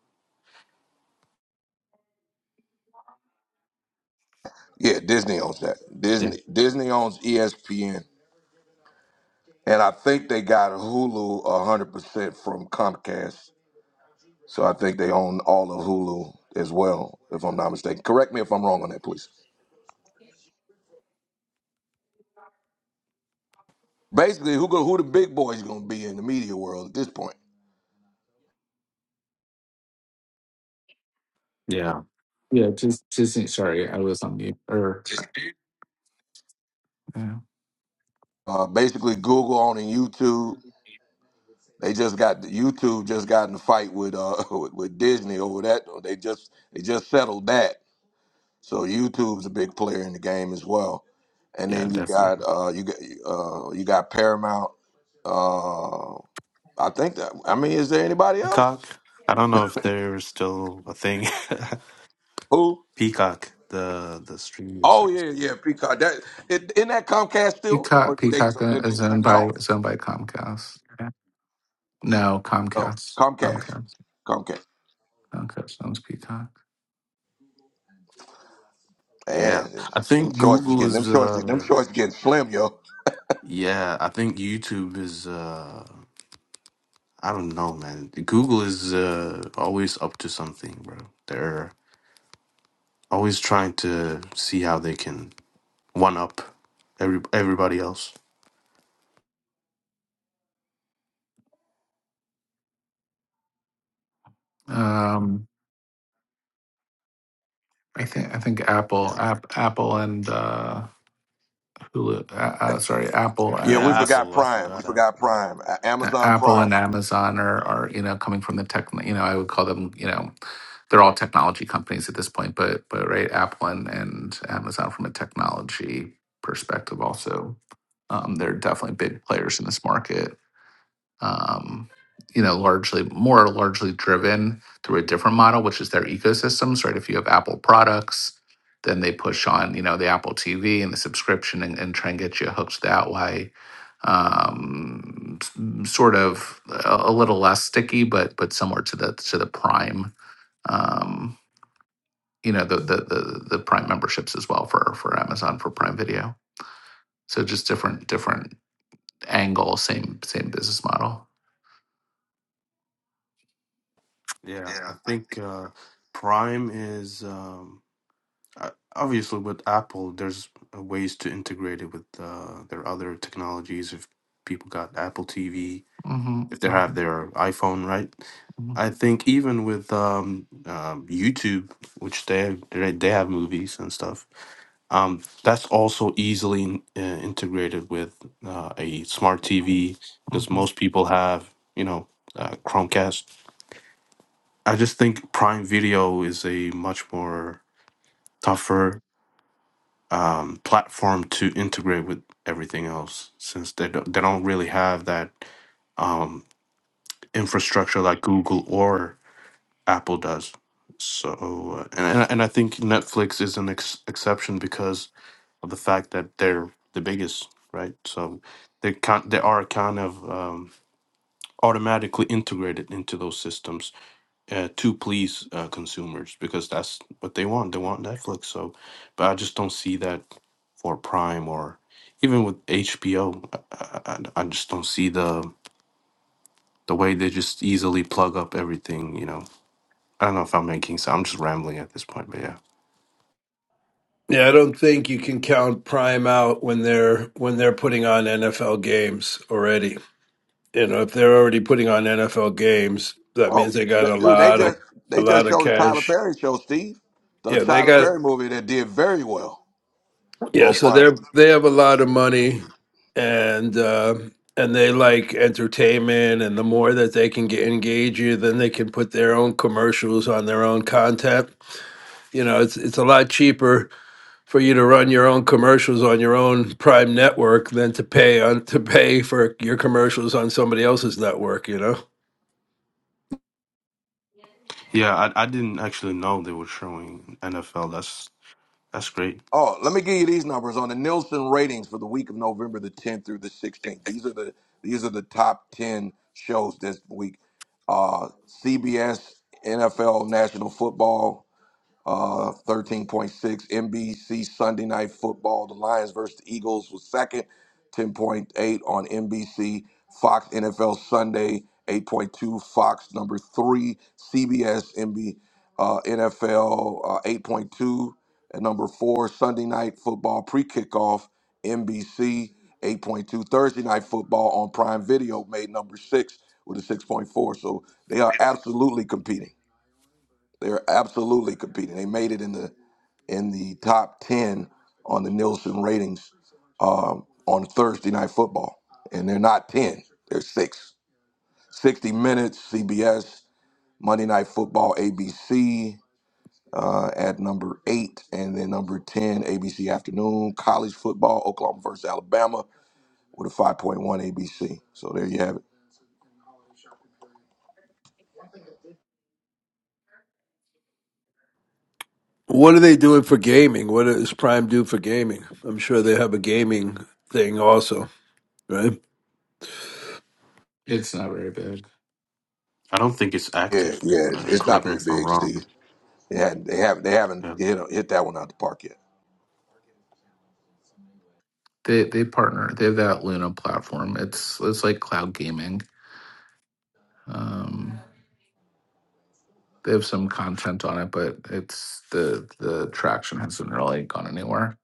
Yeah, Disney owns that.
Yeah.
Disney Disney owns ESPN, and I think they got Hulu a hundred percent from Comcast. So I think they own all of Hulu as well, if I'm not mistaken. Correct me if I'm wrong on that, please. Basically, who go, who the big boys going to be in the media world at this point?
Yeah.
Yeah, just just sorry, I was on mute. Or yeah.
Uh, basically, Google owning YouTube. They just got YouTube just got in a fight with uh with, with Disney over that. They just they just settled that. So YouTube's a big player in the game as well. And
Yeah,
then you got
definitely.
uh you got uh you got Paramount. Uh I think that I mean is there anybody else?
Peacock. I don't know if they're still a thing.
Who?
Peacock, the the streaming
Oh
service.
yeah, yeah, Peacock. That it, isn't that Comcast still or
Peacock
did they
Peacock
or
uh,
did they
is
spin
owned
that
by
off?
is owned by Comcast. Yeah. No,
No,
Comcast.
Comcast.
Comcast.
Comcast.
Comcast owns Peacock.
Yeah.
Man,
I
them
think
choices
Google
getting them
is
choices them
uh
choices getting slim, yo.
yeah, I think YouTube is uh I don't know, man. Google is uh always up to something, bro. They're always trying to see how they can one up every everybody else.
Um I think I think Apple
Yeah.
App Apple and uh Hulu uh, uh, sorry, Apple
Yeah, we
Yeah,
and
forgot
Apple. I
Prime. We
forgot
forgot
Apple.
Prime. A-
A-
Amazon
Apple
Prime.
and Amazon are, are you know coming from the tech you know I would call them you know they're all technology companies at this point but but right Apple and, and Amazon from a technology perspective also um, they're definitely big players in this market um, you know, largely more largely driven through a different model, which is their ecosystems, right? If you have Apple products, then they push on, you know, the Apple TV and the subscription and, and try and get you hooked that way. Um, s- m- sort of a, a little less sticky, but but similar to the to the Prime, um, you know, the, the the the Prime memberships as well for for Amazon for Prime Video. So just different different angle, same same business model.
Yeah,
Yeah.
I think uh Prime is um uh, obviously with Apple there's ways to integrate it with uh their other technologies if people got Apple TV, if they
hmm
have their iPhone, right?
Mhm.
I think even with um, um YouTube, which they they they have movies and stuff Um, that's also easily in- uh, integrated with uh, a smart TV because
Mhm.
most people have, you know, uh, Chromecast. I just think Prime Video is a much more tougher um, platform to integrate with everything else since they don't, they don't really have that um, infrastructure like Google or Apple does. So, uh, and, and I and I think Netflix is an ex- exception because of the fact that they're the biggest, right? So they kind they are kind of um, automatically integrated into those systems uh, to please uh, consumers because that's what they want. They want Netflix. So, but I just don't see that for Prime or even with HBO. I, I, I I just don't see the the way they just easily plug up everything. You know, I don't know if I'm making sense. I'm just rambling at this point, but yeah.
Yeah, I don't think you can count Prime out when they're when they're putting on NFL games already. You know, if they're already putting on NFL games, that
Oh,
means they got
th-
a
dude, they
lot of
No.
just
a
they just
lot of
showed the Tyler
cash.
Perry show, Steve, the
Yeah, they
Tyler
got
Perry movie that did very well
yeah,
on
so
Prime.
they're they have a lot of money and uh and they like entertainment and the more that they can get engage you, then they can put their own commercials on their own content. You know, it's it's a lot cheaper for you to run your own commercials on your own prime network than to pay on to pay for your commercials on somebody else's network you know
Yeah, I, I didn't actually know they were showing NFL. That's that's great.
Oh, let me give you these numbers on the Nielsen ratings for the week of November the 10th through the 16th. These are the these are the top 10 shows this week. Uh, CBS NFL National Football Uh, 13.6 NBC Sunday Night Football. The Lions versus the Eagles was second. 10.8 on NBC. Fox NFL Sunday. 8.2 Fox number three. CBS NB uh, NFL uh, 8.2 at number four. Sunday Night Football pre kickoff NBC. 8.2 Thursday Night Football on Prime Video made number six with a 6.4. So they are absolutely competing. They are absolutely competing. They made it in the in the top 10 on the Nielsen ratings um, on Thursday Night Football. And they're not 10, they're six. 60 Minutes, CBS, Monday Night Football, ABC uh, at number eight. And then number 10, ABC Afternoon, College Football, Oklahoma versus Alabama with a 5.1 ABC. So there you have it.
what are they doing for gaming what does prime do for gaming i'm sure they have a gaming thing also right
It's not very big.
I don't think it's
Yeah,
active.
yeah,
Uh,
it's not
correct me
very
if I'm
big,
wrong.
Steve.
but
They, had, they, haven't, they haven't
Yeah,
hit, hit that one out the park yet.
They they partner. They have that Luna platform. It's it's like cloud gaming. Um, they have some content on it, but it's the the traction hasn't really gone anywhere.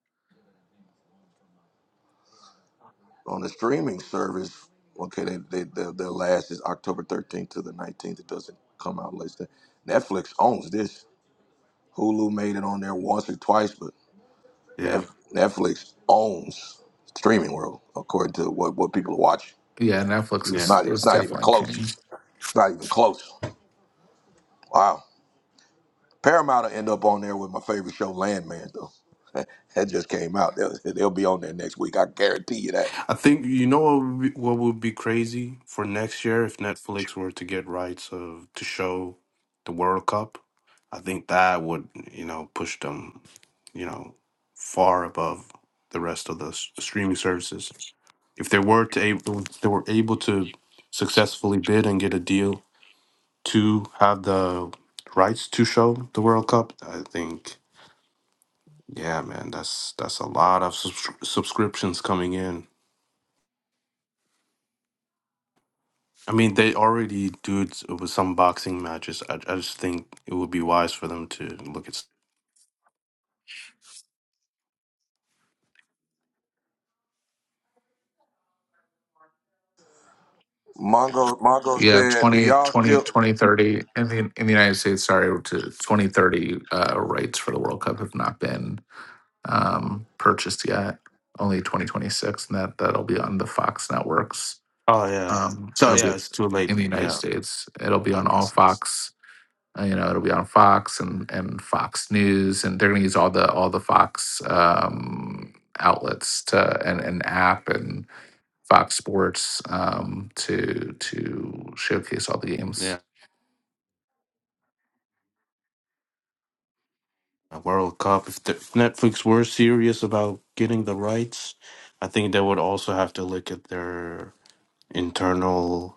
on the streaming service. Okay, they, they, their, their last is October 13th to the 19th. It doesn't come out later. Netflix owns this. Hulu made it on there once or twice, but
yeah,
Nef- Netflix owns streaming world according to what, what people are watching.
Yeah, Netflix
It's
is
yeah.
not it's
is
not even
definitely
close.
king.
It's not even close. Wow. Paramount will end up on there with my favorite show, Landman, though. that just came out. They'll, they'll be on there next week. I guarantee you that.
I think you know what would, be, what would be crazy for next year if Netflix were to get rights of to show the World Cup. I think that would you know push them, you know, far above the rest of the s- streaming services. If they were to able, if they were able to successfully bid and get a deal to have the rights to show the World Cup, I think. Yeah, man, that's that's a lot of subs- subscriptions coming in. I mean, they already do it with some boxing matches. I, I just think it would be wise for them to look at. s-
Mongo Mongo
Yeah,
said, "Do
20
y'all
20
still?"
2030 in the in the United States. Sorry, to twenty thirty uh, rights for the World Cup have not been um, purchased yet. Only twenty twenty six, and that that'll be on the Fox networks.
Oh yeah,
Um,
so
it'll
yeah,
be
it's too late.
in the United
Yeah,
States. It'll be
that
on
makes
all
sense.
Fox. uh, You know, it'll be on Fox and and Fox News, and they're going to use all the all the Fox um, outlets to and and app and Fox Sports um, to to showcase all the games.
Yeah, a World Cup. If, the, if Netflix were serious about getting the rights, I think they would also have to look at their internal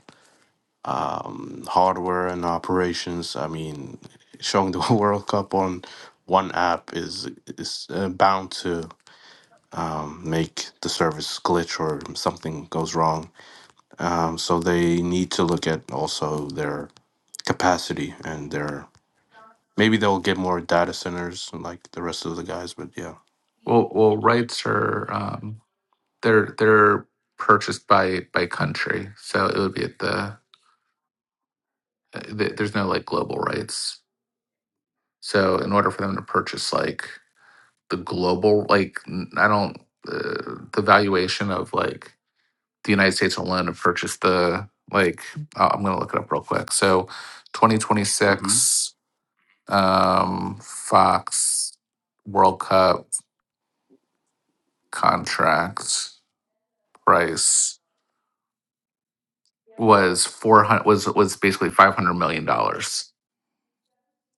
um, hardware and operations. I mean, showing the World Cup on one app is is uh, bound to um, make the service glitch or something goes wrong. Um, so they need to look at also their capacity and their maybe they'll get more data centers like the rest of the guys. But yeah.
Well, well, rights are um, they're they're purchased by by country, so it would be at the uh, th- there's no like global rights. So in order for them to purchase like the global like n- I don't uh, the valuation of like the United States alone to purchase the like uh, I'm gonna look it up real quick. So
hmm
2026 um, Fox World Cup contract price. was four hundred was was basically five hundred million dollars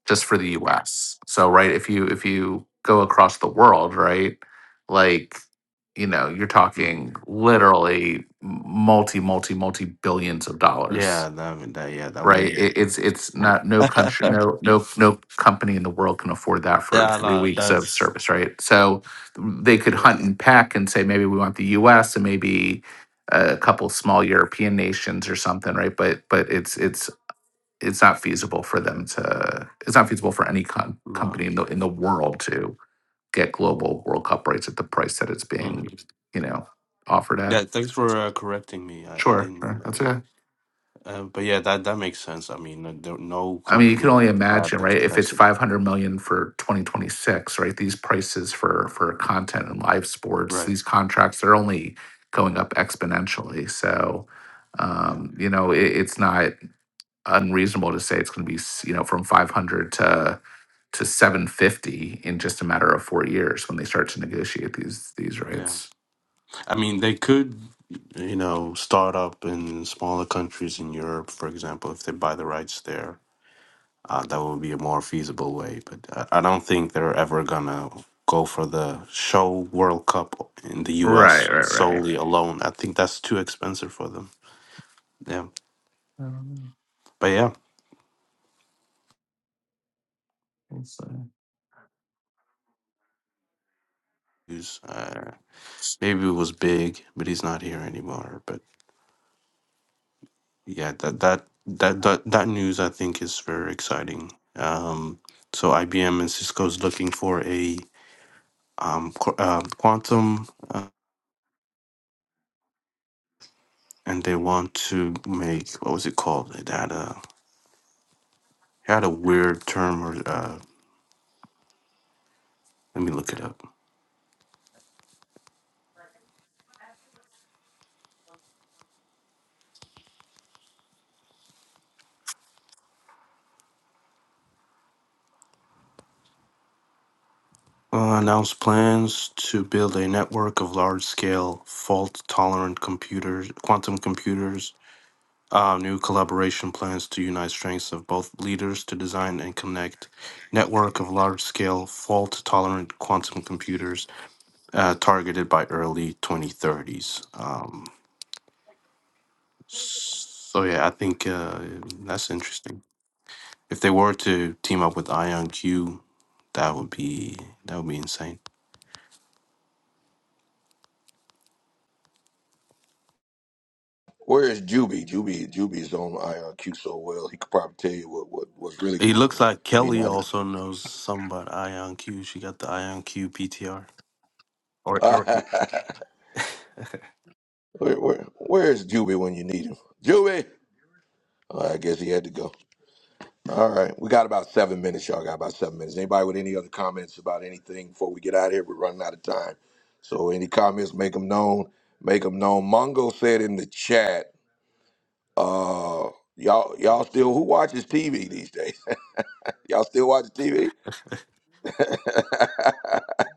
just for the U.S. So right, if you if you go across the world, right, like you know, you're
hmm
talking literally multi multi multi billions of dollars
Yeah, that, I mean, that yeah that
right?
would
It, it's it's not no country, no no no company in the world can afford that for
yeah
three
no
weeks of
that's
service, right? So they could
yeah
hunt and pack and say maybe we want the U.S. and maybe a couple small European nations or something, right? But but it's it's it's not feasible for them to. It's not feasible for any com-
no.
company in the in the world to get global World Cup rights at the price that it's being, you know, offered at.
Yeah, thanks for uh, correcting me. I, I
Sure,
didn't know
sure, that's
that.
it.
Uh, but yeah, that that makes sense. I mean, uh, there, no
I mean, you can
company
only
would have
imagine,
the
right? If it's
capacity,
500 million for 2026, right? These prices for for content and live sports,
right?
these contracts are only going up exponentially. So,
Yeah,
um, you know, it, it's not unreasonable to say it's going to be, s- you know, from 500 to to 750 in just a matter of four years when they start to negotiate these these
yeah.
rights.
I mean, they could, you know, start up in smaller countries in Europe, for example, if they buy the rights there. Uh, that would be a more feasible way. But I, I don't think they're ever gonna go for the show World Cup in the
Right,
U.S.
right, right.
solely alone. I think that's too expensive for them. Yeah,
Um,
but yeah. use. Uh, Maybe it was big, but he's not here anymore. But yeah, that that that that, that news I think is very exciting. Um, so IBM and Cisco is looking for a um, qu- uh, quantum, uh, and they want to make what was it called? It had a it had a weird term, or uh, let me look it up. Uh, announced plans to build a network of large-scale fault-tolerant computers, quantum computers Uh, new collaboration plans to unite strengths of both leaders to design and connect network of large-scale fault-tolerant quantum computers uh, targeted by early 2030s. Um, so yeah, I think uh, that's interesting. If they were to team up with IonQ, that would be that would be insane.
Where is Juby? Juby, Juby's on IRQ so well. He could probably tell you what, what what's really
It
going
looks
on,
like
but he
Kelly
not.
also knows something about IonQ. She got the IonQ PTR.
Even.
Or, or
where, where, where is Juby when you need him? Juby. Oh, I guess he had to go. All right, we got about seven minutes, y'all. Got about seven minutes. Anybody with any other comments about anything before we get out of here? We're running out of time. So any comments, make them known. Make them known. Mongo said in the chat, uh, y'all y'all still who watches TV these days? y'all still watch TV?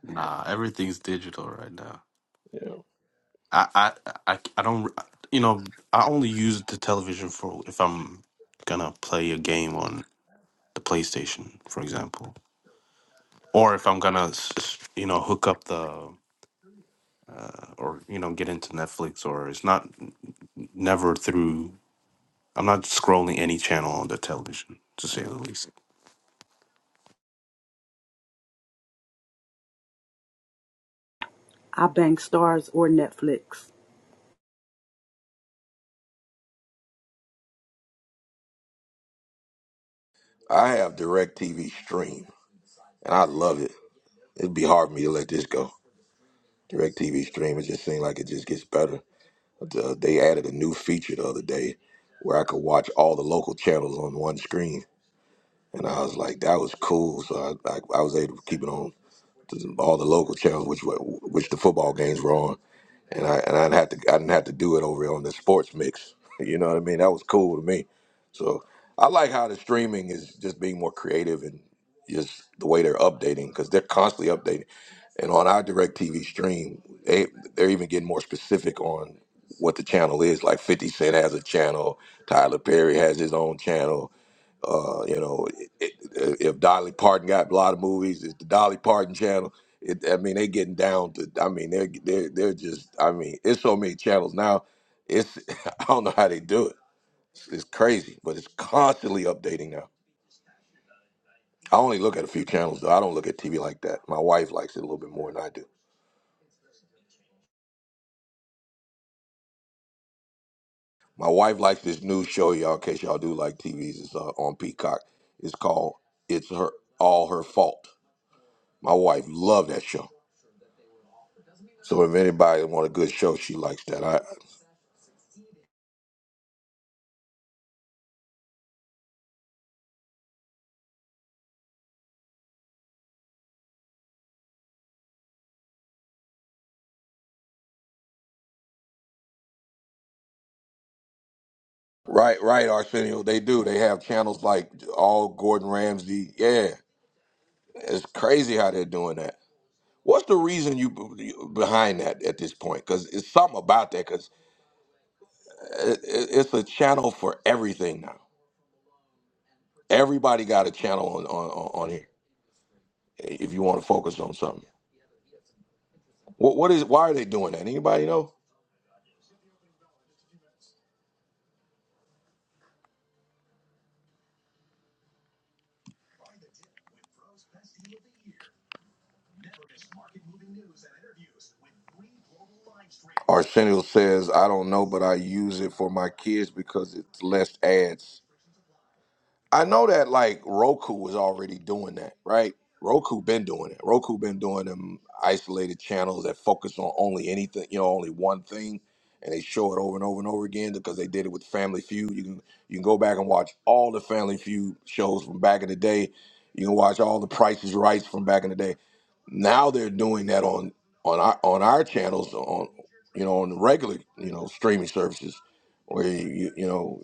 nah, everything's digital right now.
yeah.
I, I, I, I don't. You know, I only use the television for if I'm gonna play a game on the PlayStation, for example, or if I'm gonna, s- s- you know, hook up the uh, or you know get into Netflix. Or it's not never through. I'm not scrolling any channel on the television, to say the least.
I bang stars or Netflix.
I have DirecTV Stream, and I love it. It'd be hard for me to let this go. DirecTV Stream, it just seems like it just gets better. The- They added a new feature the other day where I could watch all the local channels on one screen, and I was like, that was cool. So I, I, I was able to keep it on to all the local channels, which were- which the football games were on. and I and I didn't have to I didn't have to do it over on the sports mix. You know what I mean? That was cool to me. So I like how the streaming is just being more creative and just the way they're updating because they're constantly updating. And on our direct TV stream, they they're even getting more specific on what the channel is. Like Fifty Cent has a channel, Tyler Perry has his own channel uh, you know, it, it, if Dolly Parton got a lot of movies, it's the Dolly Parton channel. It, I mean, they're getting down to. I mean, they're they're they're just. I mean, it's so many channels now. It's I don't know how they do it. It's, it's crazy, but it's constantly updating now. I only look at a few channels though. I don't look at TV like that. My wife likes it a little bit more than I do. My wife likes this new show, y'all. In case y'all do like TVs, it's uh, on Peacock. It's called "It's Her All Her Fault." My wife loved that show. So if anybody want a good show, she likes that. I right, right, Arsenio. They do. They have channels like all Gordon Ramsay. Yeah, it's crazy how they're doing that. What's the reason you you- behind that at this point? Because it's something about that. Because it, it, it's a channel for everything now. Everybody got a channel on on, on on here. If you want to focus on something, what what is why are they doing that? Anybody know? Arsenio says, I don't know, but I use it for my kids because it's less ads. I know that like Roku was already doing that, right? Roku been doing it. Roku been doing them isolated channels that focus on only anything, you know, only one thing, and they show it over and over and over again because they did it with Family Feud. You can you can go back and watch all the Family Feud shows from back in the day. You can watch all the Prices Rights from back in the day. Now they're doing that on on our on our channels on you know on the regular you know streaming services where you you know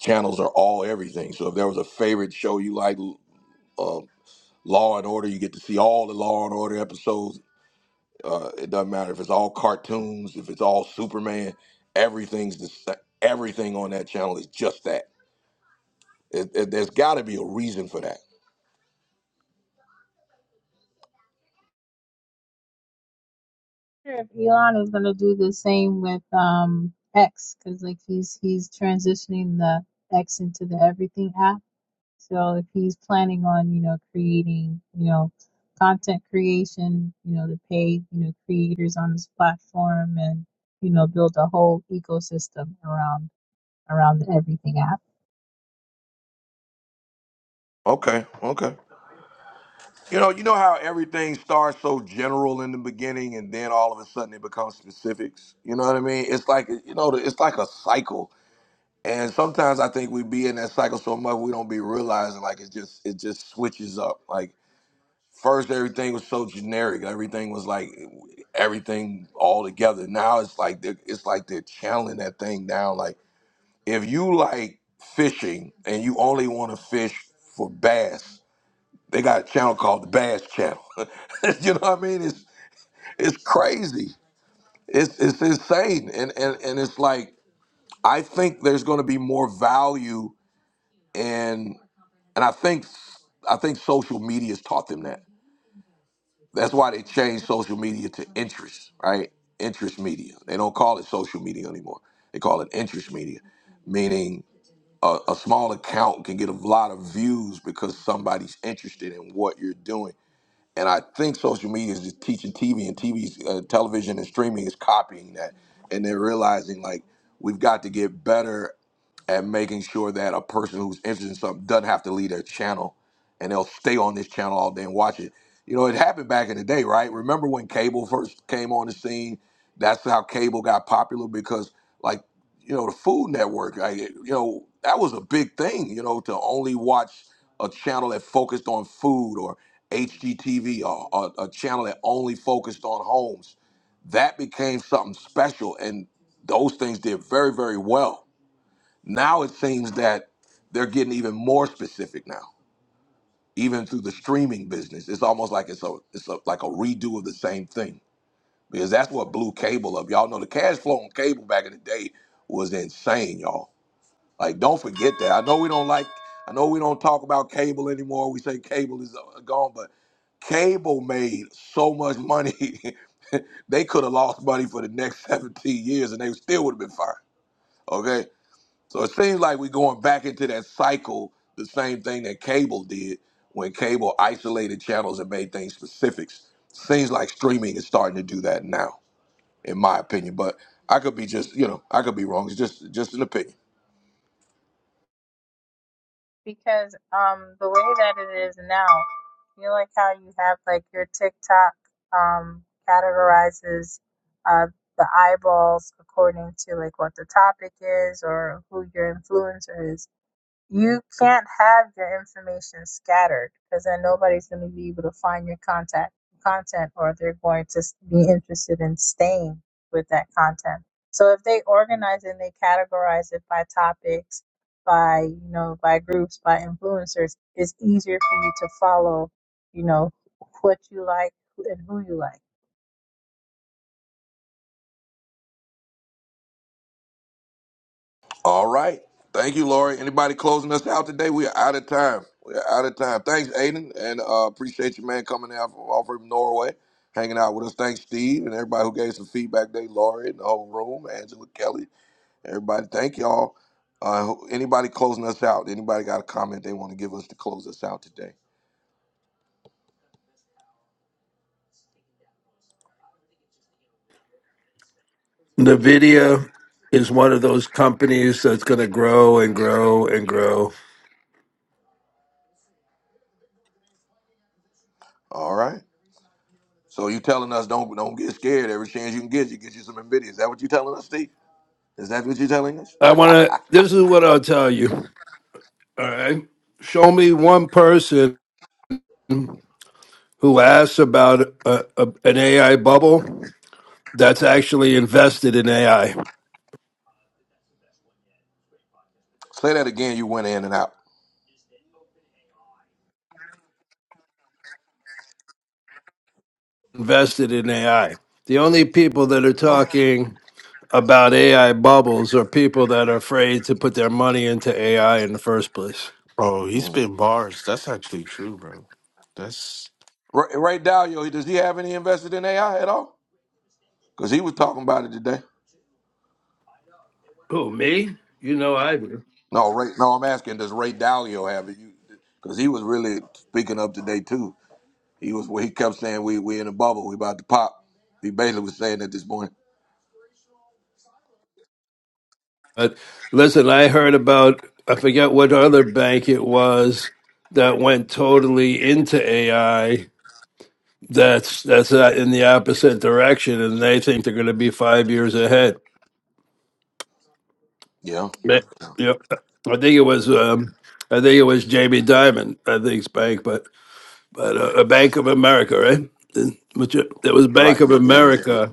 channels are all everything. So if there was a favorite show you like, uh, Law and Order, you get to see all the Law and Order episodes. Uh, it doesn't matter if it's all cartoons, if it's all Superman. Everything's the sa- everything on that channel is just that. It, it, there's got to be a reason for that.
sure if elon is going to do the same with um, x because like he's he's transitioning the x into the everything app So if he's planning on, you know, creating, you know, content creation, you know, to pay, you know, creators on this platform and, you know, build a whole ecosystem around around the everything app.
Okay, okay. You know, you know how everything starts so general in the beginning, and then all of a sudden it becomes specifics. You know what I mean? It's like you know, it's like a cycle And sometimes I think we be in that cycle so much we don't be realizing like it just it just switches up. Like first everything was so generic, everything was like everything all together. Now it's like they- it's like they're channeling that thing down. Like if you like fishing and you only want to fish for bass, they got a channel called the Bass Channel. you know what I mean? It's it's crazy. It's it's insane. And and and it's like I think there's going to be more value and and I think I think social media's taught them that. That's why they changed social media to interest, right? Interest media. They don't call it social media anymore. They call it interest media, meaning a, a small account can get a lot of views because somebody's interested in what you're doing. And I think social media is just teaching TV and TV's uh, television and streaming is copying that, and they're realizing like we've got to get better and making sure that a person who's interested in something doesn't have to leave their channel and they'll stay on this channel all day and watch it. You know, it happened back in the day, right? Remember when cable first came on the scene? That's how cable got popular because, like, you know, the Food Network, like, you know, that was a big thing, you know, to only watch a channel that focused on food or HGTV or, or a channel that only focused on homes. That became something special, and those things did very, very well now it seems that they're getting even more specific now, even through the streaming business. It's almost like it's a it's a, like a redo of the same thing because that's what blew cable up. Y'all know the cash flow on cable back in the day was insane, y'all. Like don't forget that. I know we don't like. I know we don't talk about cable anymore. We say cable is uh, gone, but cable made so much money they could have lost money for the next 17 years and they still would have been fired. Okay, So it seems like we're going back into that cycle, the same thing that cable did when cable isolated channels and made things specifics. Seems like streaming is starting to do that now, in my opinion. But I could be just, you know, I could be wrong. It's just just an opinion.
Because um the way that it is now, you know like how you have like your TikTok um categorizes uh the eyeballs according to like what the topic is or who your influencer is You can't have your information scattered because then nobody's going to be able to find your contact content or they're going to be interested in staying with that content. So if they organize and they categorize it by topics, by, you know, by groups, by influencers, it's easier for you to follow, you know, what you like and who you like.
All right. Thank you, Lori. Anybody closing us out today? We are out of time. We are out of time. Thanks, Aiden. And uh, appreciate you, man, coming out from, off from Norway, hanging out with us. Thanks, Steve, and everybody who gave some feedback today, Lori, and the whole room, Angela, Kelly, Everybody, thank y'all. Uh, who- anybody closing us out? Anybody got a comment they want to give us to close us out today?
nvidia is one of those companies that's going to grow and grow and grow
All right. So you telling us don't don't get scared. Every chance you can get, you get you some Nvidia. Is that what you telling us, Steve? Is that what you telling us?
i want to this is what i'll tell you all right show me one person who asks about a, a, an ai bubble that's actually invested in AI.
Say that again. You went in and out.
Invested in AI. The only people that are
Okay.
talking about AI bubbles are people that are afraid to put their money into AI in the first place.
Bro, he
Mhm.
spit bars. That's actually true, bro. That's
Ray, Ray Dalio, does he have any invested in AI at all? Because he was talking about it today.
Who, me? You know I do.
No, Ray. No, I'm asking. Does Ray Dalio have it? Because he was really speaking up today too. He was well, he kept saying we we in a bubble, we about to pop. He basically was saying that this morning.
But listen, I heard about, I forget what other bank it was that went totally into AI that's that's uh, in the opposite direction and they think they're going to be 5 years ahead
Yeah.
Ma- Yep. I think it was um I think it was Jamie Dimon, I think's bank, but but uh, a Bank of America, right? Then- Which it it was
Right,
Bank of
yeah, Jamie.
America.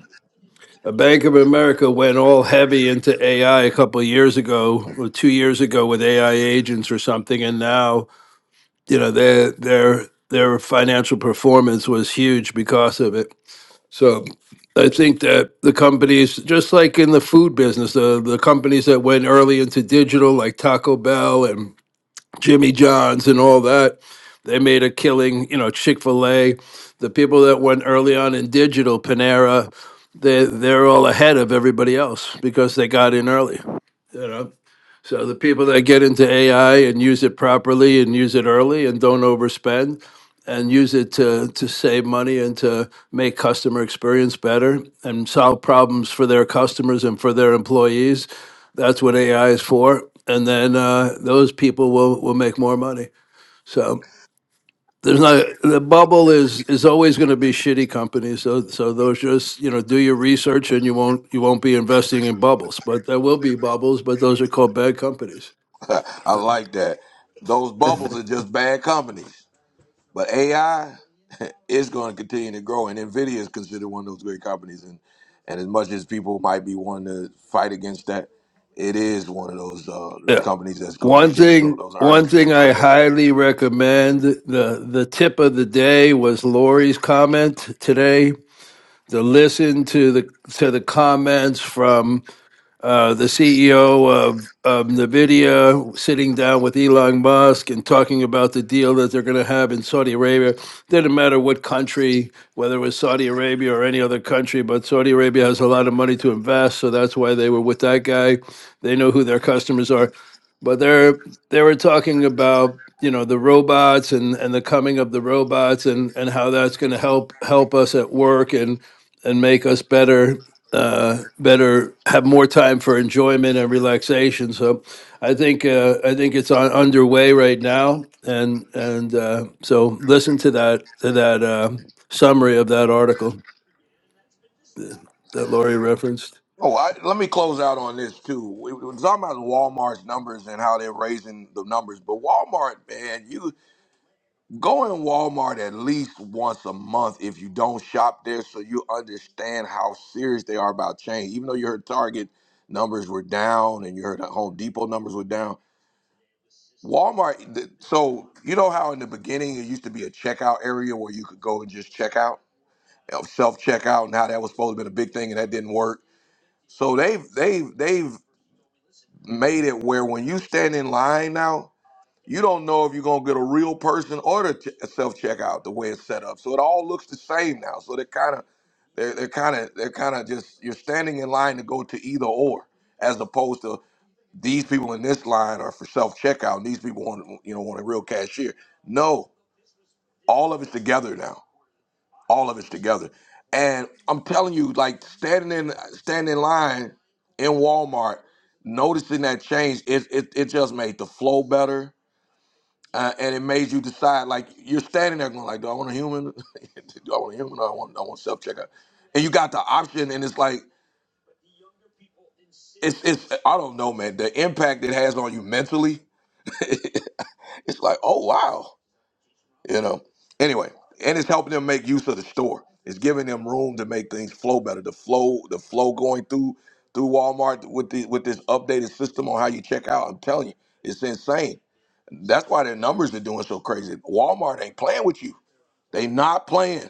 A Bank of America went all heavy into AI a couple of years ago, or two years ago with AI agents or something, and now, you know, their their their financial performance was huge because of it. So I think that the companies, just like in the food business, the, the companies that went early into digital, like Taco Bell and Jimmy John's and all that, they made a killing. You know, Chick fil A, the people that went early on in digital, Panera, they, they're all ahead of everybody else because they got in early. You know. So the people that get into AI and use it properly and use it early and don't overspend and use it to, to save money and to make customer experience better and solve problems for their customers and for their employees, that's what AI is for. And then uh, those people will, will make more money. So there's not the bubble is is always going to be shitty companies. So so those just you know do your research and you won't you won't be investing in bubbles. But there will be bubbles, but those are called bad companies.
I like that. Those bubbles are just bad companies. But AI is going to continue to grow and Nvidia is considered one of those great companies and and as much as people might be wanting to fight against that, it is one of those uh,
Yeah.
companies that's going to
One
continue to grow.
thing,
Those
one
earnings made
thing
it
I
clear yesterday.
highly recommend the the tip of the day was Lori's comment today. To listen to the to the comments from uh, the CEO of, of NVIDIA sitting down with Elon Musk and talking about the deal that they're going to have in Saudi Arabia. Didn't matter what country, whether it was Saudi Arabia or any other country, but Saudi Arabia has a lot of money to invest, so that's why they were with that guy. They know who their customers are. But they're they were talking about you know the robots and, and the coming of the robots and, and how that's going to help help us at work and and make us better uh, better have more time for enjoyment and relaxation. So I think uh, I think it's on, underway right now, and and uh, so listen to that to that uh, summary of that article that Laurie referenced.
Oh, I, let me close out on this too. We we were talking about Walmart's numbers and how they're raising the numbers, but Walmart, man, you go in Walmart at least once a month if you don't shop there, so you understand how serious they are about change. Even though you heard Target numbers were down and you heard that Home Depot numbers were down, Walmart. th- So you know how in the beginning it used to be a checkout area where you could go and just check out, self checkout, and how that was supposed to be a big thing and that didn't work. So they've they've they've made it where when you stand in line now, you don't know if you're gonna get a real person or the ch- self checkout the way it's set up. So it all looks the same now. So they're kind of they're they're kind of they're kind of just you're standing in line to go to either or, as opposed to these people in this line are for self checkout and these people want you know want a real cashier. No, all of it's together now all of us together. And I'm telling you, like standing in standing in line in Walmart, noticing that change, it it, it just made the flow better, uh, and it made you decide. Like you're standing there going, like, do I want a human? do I want a human? Or I want I want self checkout. And you got the option, and it's like it's it's I don't know, man. The impact it has on you mentally, it's like, oh wow. you know. Anyway, and it's helping them make use of the store. It's giving them room to make things flow better. The flow, the flow going through through Walmart with the with this updated system on how you check out. I'm telling you, it's insane. That's why their numbers are doing so crazy. Walmart ain't playing with you. They not playing.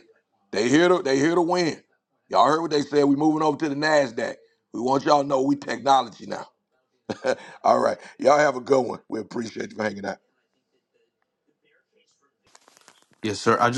They here to they here to win. Y'all heard what they said. We moving over to the Nasdaq. We want y'all to know we technology now. All right, y'all have a good one. We appreciate you for hanging out.
Yes, sir. I just